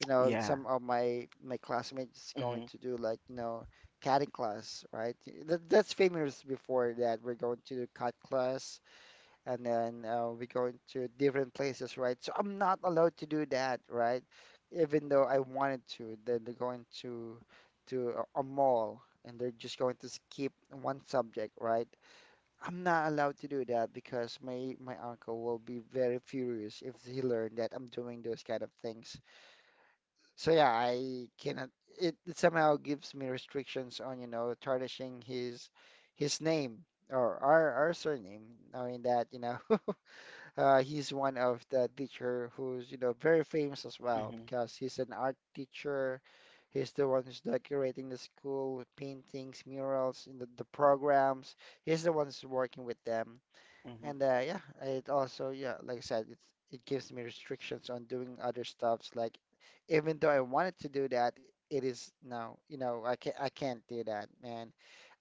Speaker 2: Yeah.
Speaker 1: some of my classmates going
Speaker 2: hmm
Speaker 1: to do like, cutting class, right? That's famous before, that we're going to do cut class, and then we go into different places, right? So I'm not allowed to do that, right? Even though I wanted to, then they're going to a mall, and they're just going to skip one subject, right? I'm not allowed to do that, because my uncle will be very furious if he learned that I'm doing those kind of things. So yeah, I cannot. It somehow gives me restrictions on tarnishing his name or our surname, knowing that. [LAUGHS] He's one of the teacher who's very famous as well
Speaker 2: hmm
Speaker 1: because he's an art teacher. He's the one who's decorating the school, paintings, murals in the programs. He's the one who's working with them. And
Speaker 2: hmm
Speaker 1: uh, yeah, it also yeah, like I said, it gives me restrictions on doing other stuffs. Like even though I wanted to do that, it is now I can't do that, man.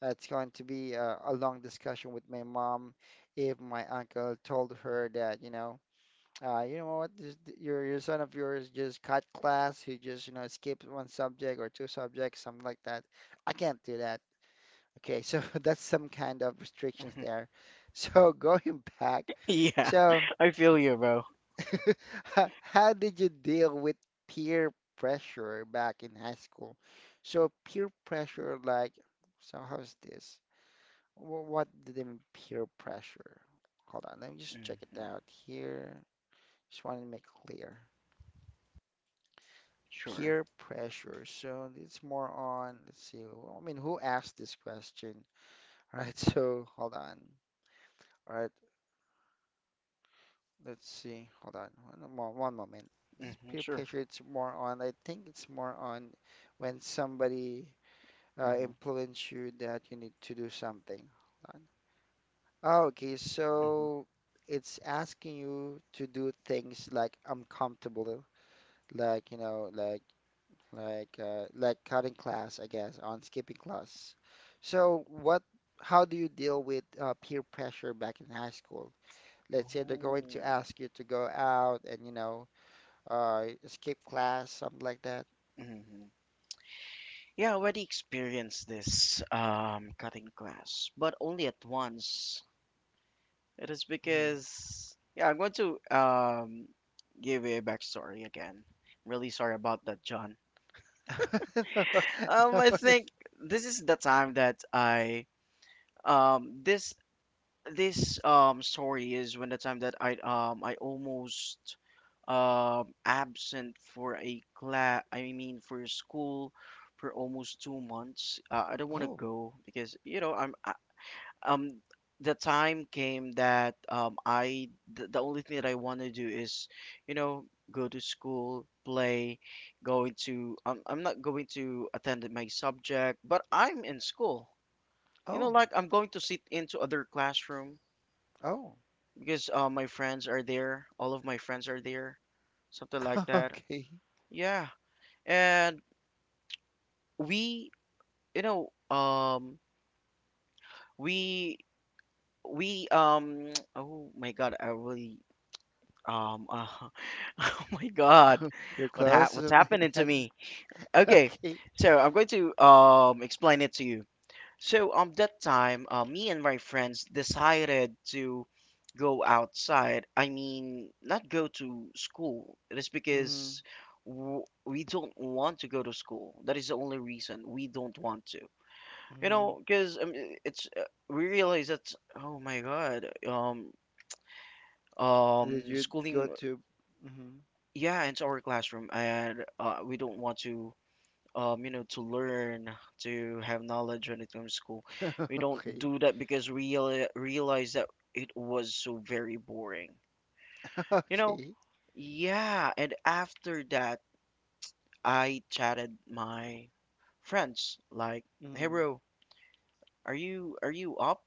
Speaker 1: It's going to be a long discussion with my mom if my uncle told her that, you know what, this, your son of yours just cut class, he just skipped one subject or two subjects, something like that. I can't do that. Okay, so [LAUGHS] that's some kind of restrictions there. So [LAUGHS] going back,
Speaker 2: [LAUGHS] Yeah,
Speaker 1: so
Speaker 2: [LAUGHS] I feel you, bro.
Speaker 1: [LAUGHS] how did you deal with peer pressure back in high school? So peer pressure, like, so how's this? What did they mean peer pressure? Hold on, let me just check it
Speaker 2: hmm
Speaker 1: out here. Just wanted to make clear.
Speaker 2: Sure.
Speaker 1: Peer pressure. So it's more on, let's see, I mean, who asked this question? [LAUGHS] All right, so hold on. All right. Let's see. Hold on. One moment. This peer
Speaker 2: Sure.
Speaker 1: pressure, it's more on, I think it's more on when somebody
Speaker 2: hmm
Speaker 1: influence you that you need to do something. Hold on. Oh, okay,
Speaker 2: hmm
Speaker 1: so it's asking you to do things like uncomfortable, like, you know, like cutting class, I guess, on skipping class. So what, how do you deal with peer pressure back in high school? Let's say they're going to
Speaker 2: Oh.
Speaker 1: ask you to go out and skip class, something like that.
Speaker 2: hmm Yeah, I already experienced this cutting class, but only at once. It is
Speaker 1: Hmm.
Speaker 2: because yeah, I'm going to give a backstory again. Really sorry about that, John.
Speaker 1: [LAUGHS] No,
Speaker 2: I
Speaker 1: no.
Speaker 2: think this is the time that I this this story is when the time that I almost absent for a class. I mean for school for almost 2 months. I don't want to
Speaker 1: Oh,
Speaker 2: go because you know I'm um the time came that the only thing that I want to do is, you know, go to school play, going to, I'm not going to attend my subject, but I'm in school, you know,
Speaker 1: oh,
Speaker 2: like I'm going to sit into other classroom
Speaker 1: oh.
Speaker 2: because my friends are there, all of my friends are there, something like
Speaker 1: [LAUGHS]
Speaker 2: that,
Speaker 1: Okay.
Speaker 2: yeah. And we you know, we we [TSK] oh my god, I really. Um, uh, [LAUGHS] oh my God,
Speaker 1: [LAUGHS] You're close,
Speaker 2: what's
Speaker 1: something like
Speaker 2: happening to
Speaker 1: that.
Speaker 2: me?
Speaker 1: [LAUGHS]
Speaker 2: Okay,
Speaker 1: Okay.
Speaker 2: so I'm going to explain it to you. So that time, me and my friends decided to go outside. I mean, not go to school. It is
Speaker 1: Mm-hmm.
Speaker 2: because w we don't want to go to school. That is the only reason we don't want to. You
Speaker 1: Mm-hmm.
Speaker 2: know, because it's we realize that oh my God,
Speaker 1: Did you go
Speaker 2: schooling.
Speaker 1: to? Mm-hmm.
Speaker 2: Yeah, it's our classroom, and we don't want to, you know, to learn, to have knowledge when it comes to school.
Speaker 1: [LAUGHS]
Speaker 2: We don't
Speaker 1: Okay.
Speaker 2: do that because we realize that it was so very boring.
Speaker 1: [LAUGHS]
Speaker 2: You know,
Speaker 1: Okay.
Speaker 2: yeah. And after that, I chatted my friends like, "Hey,
Speaker 1: Mm-hmm.
Speaker 2: bro, are you up?"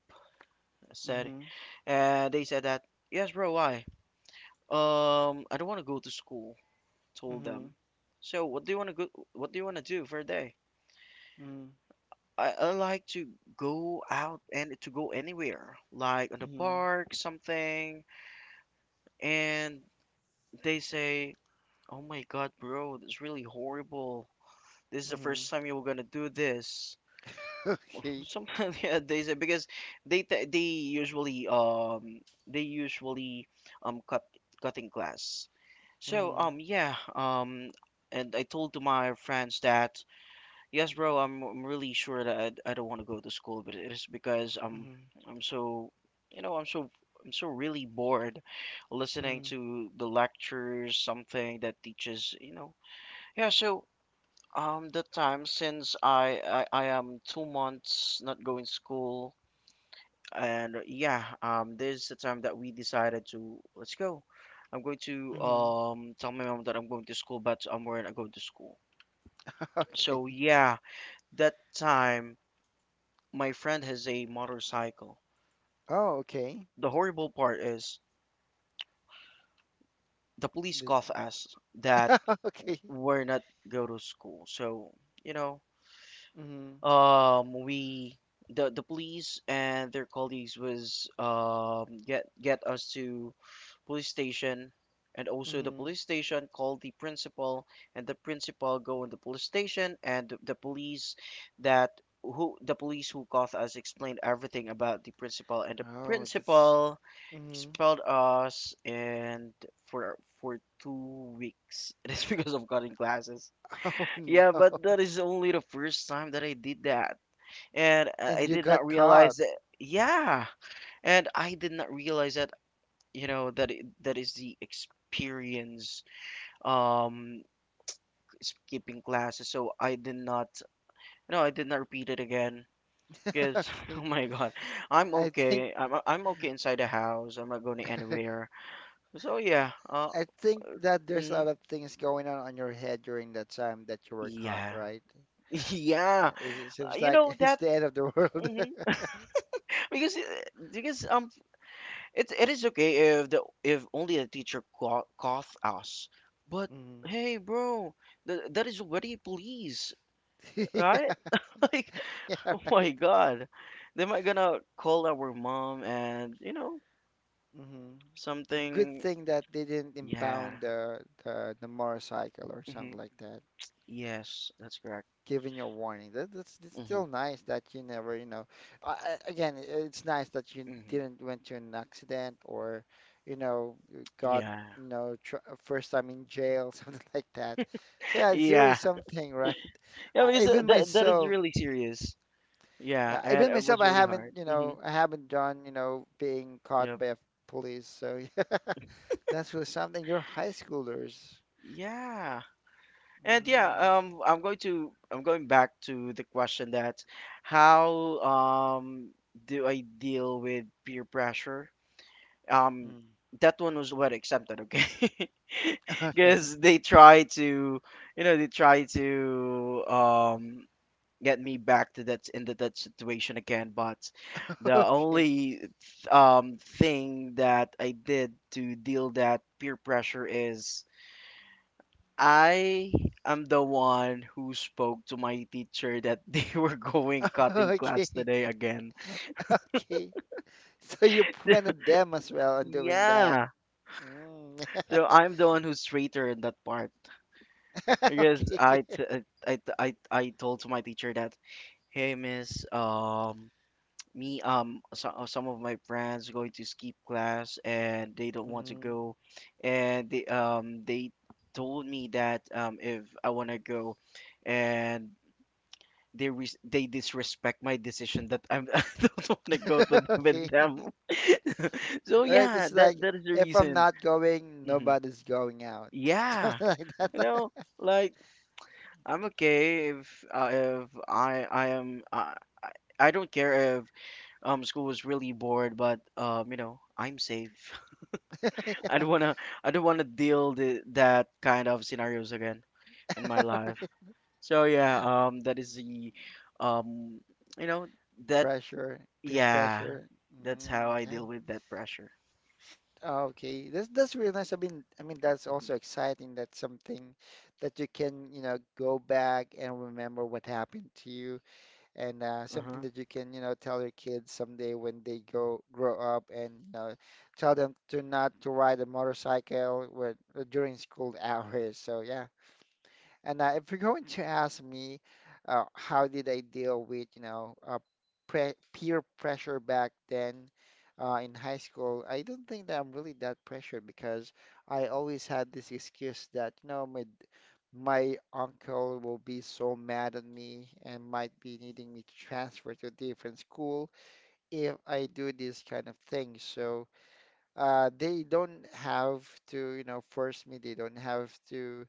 Speaker 2: I said,
Speaker 1: Mm-hmm.
Speaker 2: and they said that, "Yes, bro. Why? I don't want to go to school." Told
Speaker 1: Mm-hmm.
Speaker 2: them. So, what do you want to go? What do you want to do for a day?
Speaker 1: Mm-hmm.
Speaker 2: I like to go out and to go anywhere, like on the
Speaker 1: Mm-hmm.
Speaker 2: park, something, and they say, "Oh my God, bro, that's really horrible. This is the
Speaker 1: Mm-hmm.
Speaker 2: first time you were gonna do this."
Speaker 1: [LAUGHS] Okay.
Speaker 2: Sometimes [LAUGHS] yeah, they say because they usually they usually um cut cutting class. So
Speaker 1: Mm-hmm.
Speaker 2: yeah and I told to my friends that. Yes, bro. I'm really sure that I don't want to go to school, but it is because
Speaker 1: Mm-hmm.
Speaker 2: I'm so you know I'm so really bored listening
Speaker 1: Mm-hmm.
Speaker 2: to the lectures, something that teaches. Yeah. So the time since I am 2 months not going to school, and yeah, this is the time that we decided to let's go. I'm going to
Speaker 1: Mm-hmm.
Speaker 2: tell my mom that I'm going to school, but we're not going to school.
Speaker 1: [LAUGHS] Okay.
Speaker 2: So yeah, that time. My friend has a motorcycle.
Speaker 1: Oh, okay.
Speaker 2: The horrible part is the police
Speaker 1: The-
Speaker 2: caught us that
Speaker 1: [LAUGHS] Okay.
Speaker 2: we're not go to school. So, you know,
Speaker 1: Mm-hmm.
Speaker 2: we the police and their colleagues was get us to police station, and also the
Speaker 1: Mm-hmm.
Speaker 2: police station called the principal, and the principal go in the police station and that the police who caught us explained everything about the principal, and the
Speaker 1: Oh, that's.
Speaker 2: principal
Speaker 1: Hmm.
Speaker 2: expelled us, and for 2 weeks. [LAUGHS] That's because of cutting classes.
Speaker 1: [LAUGHS] Oh
Speaker 2: Yeah,
Speaker 1: no!
Speaker 2: but that is only the first time that I did that, and
Speaker 1: And
Speaker 2: I
Speaker 1: you
Speaker 2: did
Speaker 1: got
Speaker 2: not
Speaker 1: caught.
Speaker 2: realize that. Yeah, and I did not realize that you know that that is the experience um skipping classes. So I did not. No, I did not repeat it again.
Speaker 1: [LAUGHS]
Speaker 2: Because [LAUGHS] oh
Speaker 1: Okay.
Speaker 2: my god, I'm
Speaker 1: I think
Speaker 2: okay. I'm okay inside the house. I'm not going
Speaker 1: [LAUGHS]
Speaker 2: anywhere. So yeah.
Speaker 1: I think that there's a
Speaker 2: Hmm.
Speaker 1: lot of things going on your head during that time that you were caught,
Speaker 2: Yeah.
Speaker 1: right?
Speaker 2: [LAUGHS]
Speaker 1: Uh,
Speaker 2: Yeah.
Speaker 1: it, it seems
Speaker 2: You
Speaker 1: like
Speaker 2: know
Speaker 1: [LAUGHS] it's
Speaker 2: that
Speaker 1: the end of the world.
Speaker 2: mhm.
Speaker 1: [LAUGHS]
Speaker 2: Because it it is okay if the if only the teacher caught us. But
Speaker 1: Hmm.
Speaker 2: hey, bro, th that is already police, right?
Speaker 1: [LAUGHS] Yeah,
Speaker 2: [LAUGHS] Like,
Speaker 1: yeah,
Speaker 2: oh
Speaker 1: right.
Speaker 2: my God. They might gonna call our mom and you know
Speaker 1: Hmm. Good
Speaker 2: something.
Speaker 1: thing that they didn't
Speaker 2: Yeah.
Speaker 1: impound the motorcycle or something
Speaker 2: Hmm.
Speaker 1: like that.
Speaker 2: Yes, that's correct.
Speaker 1: Giving you a warning. That, that's it's
Speaker 2: Hmm.
Speaker 1: still nice that you never, you know, again, it's nice that you
Speaker 2: Hmm.
Speaker 1: didn't went to an accident or you got,
Speaker 2: Yeah.
Speaker 1: you know, tr first time in jail, [LAUGHS] something like that. So
Speaker 2: [LAUGHS]
Speaker 1: yeah, it's really
Speaker 2: Yeah.
Speaker 1: something, right? [LAUGHS]
Speaker 2: Yeah, because
Speaker 1: Even
Speaker 2: that is
Speaker 1: myself,
Speaker 2: really serious. Yeah,
Speaker 1: yeah,
Speaker 2: and
Speaker 1: even
Speaker 2: it
Speaker 1: myself,
Speaker 2: was
Speaker 1: I
Speaker 2: really
Speaker 1: haven't,
Speaker 2: hard.
Speaker 1: you
Speaker 2: Hmm.
Speaker 1: know, I haven't done being caught
Speaker 2: Yep.
Speaker 1: by a police. So [LAUGHS] yeah, that's really something. You're high schoolers.
Speaker 2: Yeah. And yeah,
Speaker 1: Mm,
Speaker 2: I'm going back to the question that how do I deal with peer pressure? Um,
Speaker 1: mm.
Speaker 2: that one was what accepted, okay? [LAUGHS]
Speaker 1: [LAUGHS] Oh yeah.
Speaker 2: Because they try to, you know, they try to get me back to that situation again. But
Speaker 1: [LAUGHS]
Speaker 2: the
Speaker 1: Okay.
Speaker 2: only thing that I did to deal that peer pressure is I am the one who spoke to my teacher that [LAUGHS] they were going cutting
Speaker 1: [LAUGHS]
Speaker 2: class
Speaker 1: Okay.
Speaker 2: today again.
Speaker 1: [LAUGHS] Okay. So you prevented them as well on doing that.
Speaker 2: Yeah,
Speaker 1: Mm.
Speaker 2: so I'm the one who's traitor in that part
Speaker 1: [LAUGHS]
Speaker 2: because
Speaker 1: Okay.
Speaker 2: I t- I told to my teacher that hey miss me so, some of my friends going to skip class and they don't want to
Speaker 1: Hmm.
Speaker 2: go, and they told me that if I want to go, and they disrespect my decision that I'm, [LAUGHS] I don't want to go to them
Speaker 1: [LAUGHS]
Speaker 2: with
Speaker 1: Okay.
Speaker 2: them
Speaker 1: [LAUGHS]
Speaker 2: [LAUGHS] so
Speaker 1: All right.
Speaker 2: yeah
Speaker 1: It's like
Speaker 2: that that is the
Speaker 1: if I'm
Speaker 2: reason.
Speaker 1: not going,
Speaker 2: Hmm.
Speaker 1: nobody's going out. [LAUGHS]
Speaker 2: Yeah,
Speaker 1: Something like
Speaker 2: you
Speaker 1: that.
Speaker 2: know,
Speaker 1: [LAUGHS]
Speaker 2: like I'm okay if I am I I don't care. School was really bored, but you know, I'm safe. [LAUGHS] I
Speaker 1: Yeah.
Speaker 2: don't wanna, I don't wanna deal that kind of scenarios again in my life. So yeah, that is the, um, you know, that
Speaker 1: Pressure, peer
Speaker 2: yeah,
Speaker 1: pressure.
Speaker 2: that's how
Speaker 1: Mm,
Speaker 2: I
Speaker 1: yeah.
Speaker 2: deal with that pressure.
Speaker 1: Okay, that's really nice. I mean that's
Speaker 2: Mhm.
Speaker 1: also exciting. That's something that you can go back and remember what happened to you and something
Speaker 2: Uh-huh.
Speaker 1: that you can tell your kids someday when they go grow up and tell them to not to ride a motorcycle when, during school [LAUGHS] hours. So yeah. And if you're going to ask me, how did I deal with, pre peer pressure back then in high school, I don't think that I'm really that pressured because I always had this excuse that, you know, my uncle will be so mad at me and might be needing me to transfer to a different school if I do this kind of thing. So they don't have to force me. They don't have to,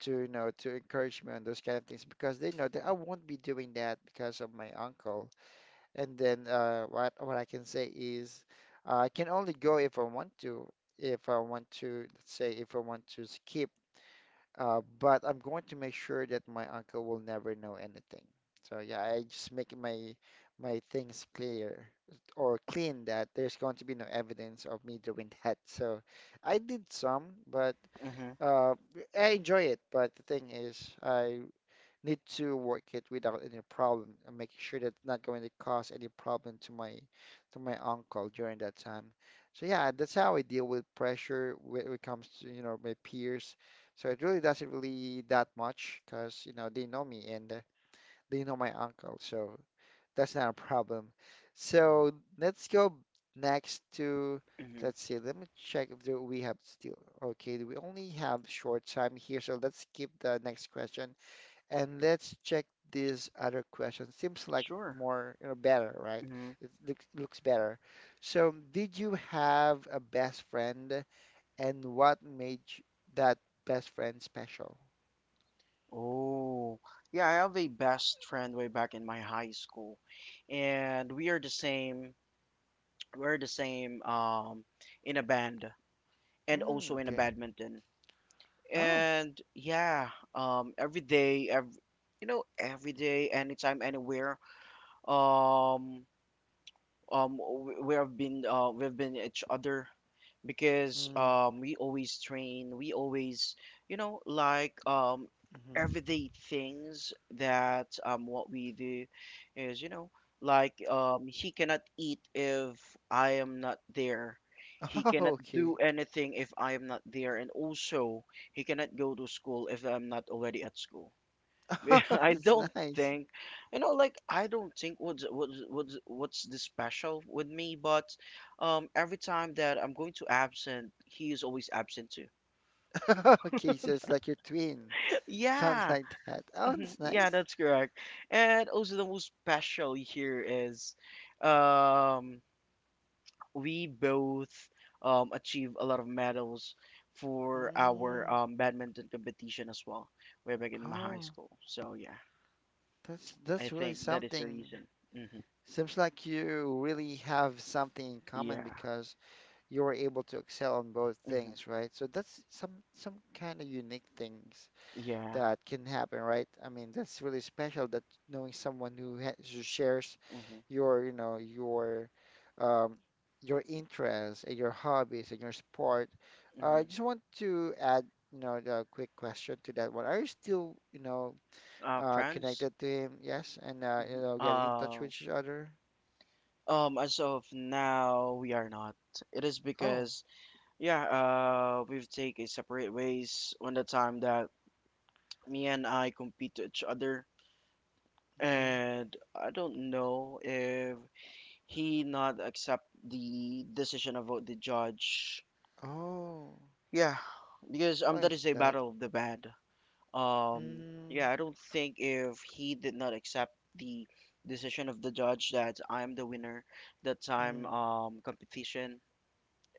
Speaker 1: to, you know, to encourage me on those kind of things because they know that I won't be doing that because of my uncle. And then what I can say is I can only go if I want to. If I want to, let's say, if I want to skip but I'm going to make sure that my uncle will never know anything. So yeah, I just make my things clear or clean that there's going to be no evidence of me doing that. [LAUGHS] So I did some, but
Speaker 2: Mm-hmm.
Speaker 1: uh, I enjoy it. But the thing is, I need to work it without any problem and making sure that it's not going to cause any problem to my uncle during that time. So yeah, that's how I deal with pressure when it comes to my peers. So it really doesn't really that much because they know me and they know my uncle. So that's not a problem. So let's go next to,
Speaker 2: Mm-hmm.
Speaker 1: let's see, let me check if there, we have still, okay, we only have short time here. So let's skip the next question. And let's check this other question. Seems like
Speaker 2: Sure.
Speaker 1: more better, right?
Speaker 2: Mm-hmm.
Speaker 1: It looks better. So, did you have a best friend, and what made that best friend special?
Speaker 2: Oh, yeah, I have a best friend way back in my high school, and we are the same. We're the same in a band, and
Speaker 1: Mm,
Speaker 2: also in a
Speaker 1: okay.
Speaker 2: badminton.
Speaker 1: Oh.
Speaker 2: And yeah, you know, every day, anytime, anywhere, um, we have been, we've been each other because
Speaker 1: Mm,
Speaker 2: we always you know like
Speaker 1: mm-hmm.
Speaker 2: everyday things that what we do is you know like he cannot eat if I am not there, he
Speaker 1: [LAUGHS] Oh,
Speaker 2: cannot do
Speaker 1: okay.
Speaker 2: anything if I am not there, and also he cannot go to school if I'm not already at school.
Speaker 1: [LAUGHS]
Speaker 2: [LAUGHS]
Speaker 1: Oh,
Speaker 2: I
Speaker 1: that's
Speaker 2: don't
Speaker 1: nice.
Speaker 2: think, you know, like I don't think what's the special with me, but every time that I'm going to absent, he is always absent too.
Speaker 1: [LAUGHS] Okay, so it's like your twin.
Speaker 2: [LAUGHS]
Speaker 1: Sounds
Speaker 2: Yeah,
Speaker 1: like that. Oh,
Speaker 2: mhm,
Speaker 1: that's
Speaker 2: yeah,
Speaker 1: nice.
Speaker 2: that's correct. And also the most special here is, um, we both achieve a lot of medals for our
Speaker 1: Mm,
Speaker 2: badminton competition as well, way back in my high
Speaker 1: oh,
Speaker 2: school. So yeah,
Speaker 1: that's
Speaker 2: I
Speaker 1: that's really
Speaker 2: think that is the
Speaker 1: something.
Speaker 2: reason. Hmm.
Speaker 1: Seems like you really have something in common
Speaker 2: Yeah.
Speaker 1: because you were able to excel on both
Speaker 2: Hmm.
Speaker 1: things, right? So that's some kind of unique things
Speaker 2: Yeah.
Speaker 1: that can happen, right? I mean, that's really special that knowing someone who shares
Speaker 2: Mm-hmm.
Speaker 1: your, you know, your um, your interests and your hobbies and your sport. I
Speaker 2: Mm-hmm.
Speaker 1: just want to add a quick question to that one. Are you still, you know, uh,
Speaker 2: Friends.
Speaker 1: connected to him? Yes, and uh, you
Speaker 2: Mm-hmm.
Speaker 1: know, getting in touch with each other?
Speaker 2: As of now, we are not. It is
Speaker 1: Oh.
Speaker 2: because, yeah, we've taken separate ways on the time that me and I compete to each other,
Speaker 1: Mm.
Speaker 2: and I don't know if he not accept the decision about the judge.
Speaker 1: Oh,
Speaker 2: Yeah, because
Speaker 1: why
Speaker 2: that
Speaker 1: is
Speaker 2: is a
Speaker 1: that?
Speaker 2: battle of the band.
Speaker 1: Mm.
Speaker 2: Yeah, I don't think if he did not accept the decision of the judge that I'm the winner that time
Speaker 1: Mm.
Speaker 2: competition.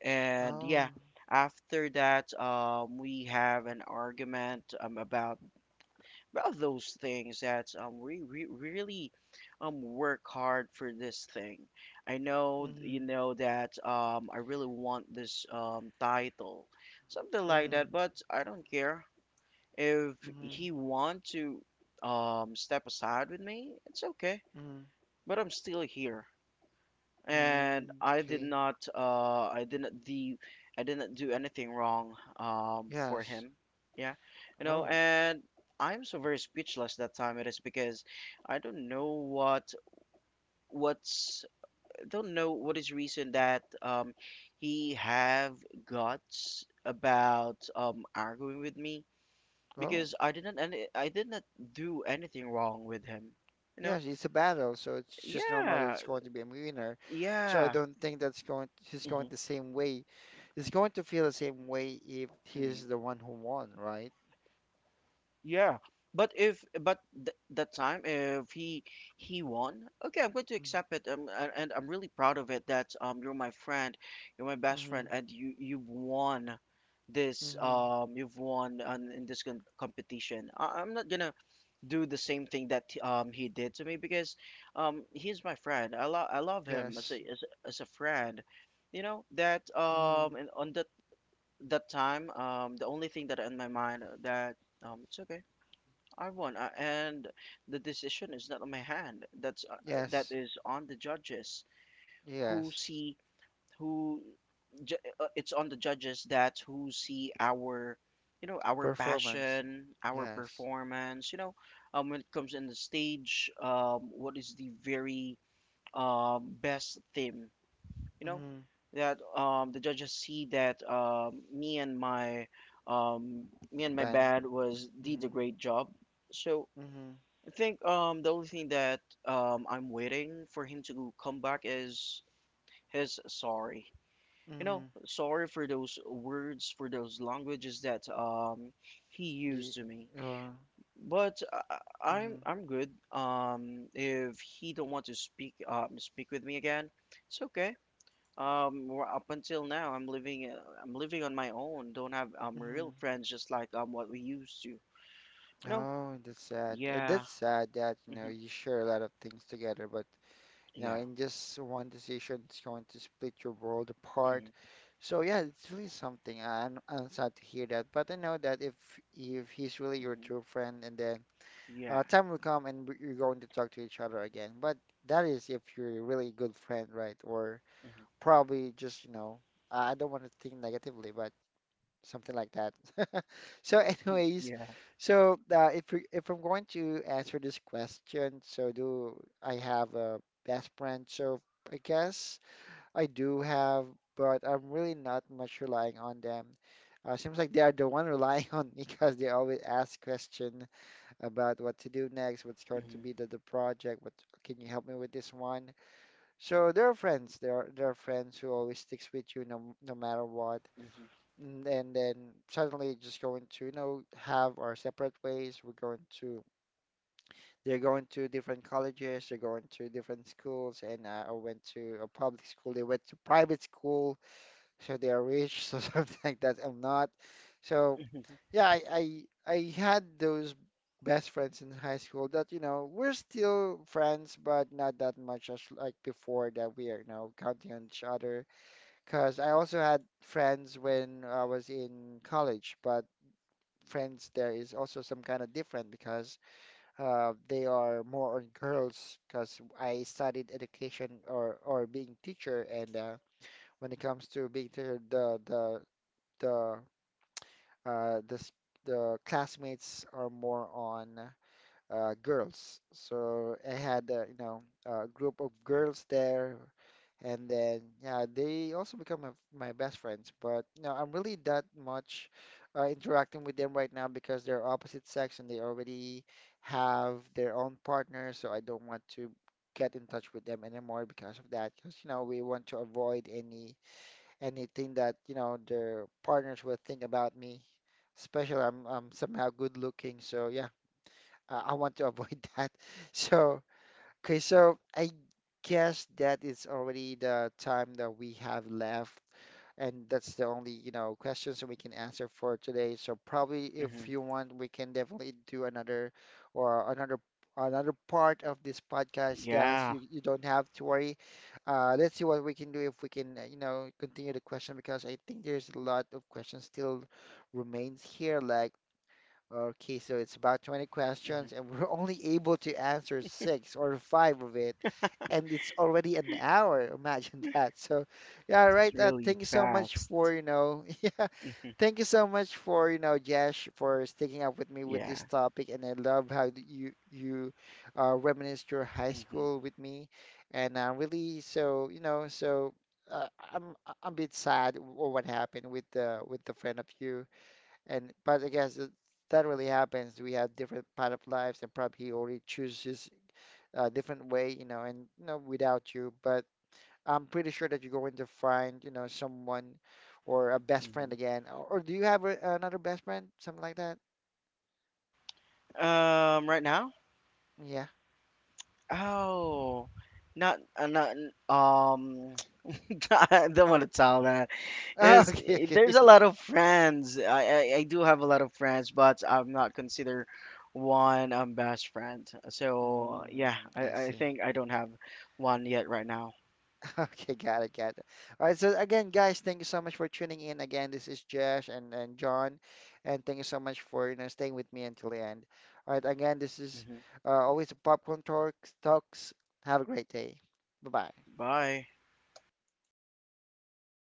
Speaker 2: And yeah,
Speaker 1: Oh.
Speaker 2: after that we have an argument about those things that we really work hard for this thing. I know you
Speaker 1: Mm.
Speaker 2: know that I really want this title. Something like
Speaker 1: Mm.
Speaker 2: that, but I don't care. If
Speaker 1: Mm.
Speaker 2: he want to step aside with me, it's okay.
Speaker 1: Mm.
Speaker 2: But I'm still here, and
Speaker 1: Mm.
Speaker 2: I did
Speaker 1: Okay.
Speaker 2: not uh I didn't do I didn't do anything wrong for
Speaker 1: Yes.
Speaker 2: him. Yeah, you know,
Speaker 1: Oh.
Speaker 2: and I'm so very speechless that time. It is because I don't know what what's don't know what is reason that he have guts about arguing with me
Speaker 1: Oh.
Speaker 2: because I did not do anything wrong with him. You know?
Speaker 1: Yes, it's a battle, so it's just normal that
Speaker 2: Yeah,
Speaker 1: it's going to be a winner. So I
Speaker 2: yeah,
Speaker 1: don't think that's going he's
Speaker 2: hmm
Speaker 1: going the same way. He's going to feel the same way if
Speaker 2: hmm
Speaker 1: he's the one who won, right?
Speaker 2: yeah. But if but th that time if he won, okay, I'm going to accept it. And I'm really proud of it that you're my friend, you're my best
Speaker 1: Mm-hmm.
Speaker 2: friend, and you've won this
Speaker 1: Mm-hmm.
Speaker 2: you've won on in this competition. I'm not gonna do the same thing that he did to me because he's my friend. I love him as a
Speaker 1: Yes.
Speaker 2: as a friend. You know that
Speaker 1: Mm-hmm.
Speaker 2: and on that that time the only thing that in my mind that it's okay I won, and the decision is not on my hand. That's that
Speaker 1: Yes.
Speaker 2: is on the judges who
Speaker 1: Yes.
Speaker 2: see who ju- it's on the judges that who see our, you know, our
Speaker 1: Performance.
Speaker 2: passion, our
Speaker 1: Yes.
Speaker 2: performance, you know, when it comes in the stage, what is the very best theme, you know,
Speaker 1: Mhm.
Speaker 2: that the judges see that um, me and my
Speaker 1: Ben.
Speaker 2: band was did a
Speaker 1: Mhm.
Speaker 2: great job. So
Speaker 1: Mhm.
Speaker 2: I think the only thing that I'm waiting for him to come back is his sorry, you know,
Speaker 1: Mhm.
Speaker 2: sorry for those words, for those languages that he
Speaker 1: Y-
Speaker 2: used to me.
Speaker 1: uh,
Speaker 2: But I'm
Speaker 1: mhm.
Speaker 2: good. If he don't want to speak with me again, it's okay. We're up until now, I'm living on my own. Don't have real
Speaker 1: Mhm.
Speaker 2: friends just like what we used to. You know?
Speaker 1: Oh, that's sad. That's
Speaker 2: Yeah.
Speaker 1: sad that
Speaker 2: Hmm.
Speaker 1: you share a lot of things together, but
Speaker 2: Yeah.
Speaker 1: in just one decision, it's going to split your world apart.
Speaker 2: Hmm.
Speaker 1: So yeah, it's really something. I'm sad to hear that, but I know that if he's really your
Speaker 2: Hmm.
Speaker 1: true friend, and then
Speaker 2: Yeah.
Speaker 1: time will come and you're going to talk to each other again. But that is if you're a really good friend, right? Or
Speaker 2: Hmm.
Speaker 1: probably just I don't want to think negatively, but something like that. [LAUGHS] So, anyways,
Speaker 2: Yeah.
Speaker 1: so if I'm going to answer this question, so do I have a best friend? So I guess I do have, but I'm really not much relying on them. Seems like they are the one relying [LAUGHS] on me because they always ask question about what to do next, what's going to
Speaker 2: Hmm.
Speaker 1: be the project, what can you help me with this one? So there are friends. There are friends who always sticks with you no matter what.
Speaker 2: Hmm.
Speaker 1: And then suddenly just going to have our separate ways. We're going to They're going to different colleges, they're going to different schools, and I went to a public school. They went to private school, so they are rich, [LAUGHS] so something like that. I'm not. So yeah, I had those best friends in high school that we're still friends, but not that much as like before that we are counting on each other. Because I also had friends when I was in college, but friends there is also some kind of different because they are more on girls. Because I studied education or being teacher, and when it comes to being teacher, the uh, the s- the classmates are more on girls. So I had a group of girls there, and then yeah, they also become my best friends. But I'm really that much interacting with them right now because they're opposite sex and they already have their own partners. So I don't want to get in touch with them anymore because of that. Because we want to avoid anything that their partners will think about me. Especially I'm somehow good looking, so yeah, I want to avoid [LAUGHS] that. So okay, so I guess that is already the time that we have left and that's the only questions we can answer for today. So probably if
Speaker 2: Hmm.
Speaker 1: you want, we can definitely do another or another part of this podcast, guys.
Speaker 2: Yeah.
Speaker 1: You don't have to worry. Let's see what we can do if we can, continue the question because I think there's a lot of questions still remains here. Like Okay, so it's about 20
Speaker 2: Hmm.
Speaker 1: questions, and we're only able to answer six or five of it, and it's already an hour. [LAUGHS] Imagine that. So, yeah,
Speaker 2: It's
Speaker 1: right.
Speaker 2: really
Speaker 1: Thank you so much
Speaker 2: fast.
Speaker 1: for, you know, [LAUGHS] yeah,
Speaker 2: Mm-hmm.
Speaker 1: thank you so much for Jesh, for sticking up with me with this
Speaker 2: Yeah.
Speaker 1: topic, and I love how you reminisced your high
Speaker 2: Mhm.
Speaker 1: school with me, and really, so uh, I'm I'm a bit sad what happened with the friend of you. And but I guess that that really happens. We have different path of lives, and probably he already chooses a different way, and, you know, without you. But I'm pretty sure that you're going to find someone or a best friend
Speaker 2: Mhm.
Speaker 1: again. Or do you have another best friend, something like that?
Speaker 2: Right now?
Speaker 1: Yeah.
Speaker 2: Oh, not, not, n- [LAUGHS] I don't want to tell that.
Speaker 1: [LAUGHS] Okay, okay.
Speaker 2: There's a
Speaker 1: [LAUGHS]
Speaker 2: lot of friends. I do have a lot of friends, but I'm not consider one best friend. So yeah,
Speaker 1: Mm, I
Speaker 2: I
Speaker 1: see.
Speaker 2: think I don't have one yet right now.
Speaker 1: [LAUGHS] Okay, got it, got it. All right, so again, guys, thank you so much for tuning in. Again, this is Josh and, John, and thank you so much for staying with me until the end. All right, again, this is
Speaker 2: Hmm.
Speaker 1: always the Popcorn Talks. Talks. Have a great day. Bye bye.
Speaker 2: Bye.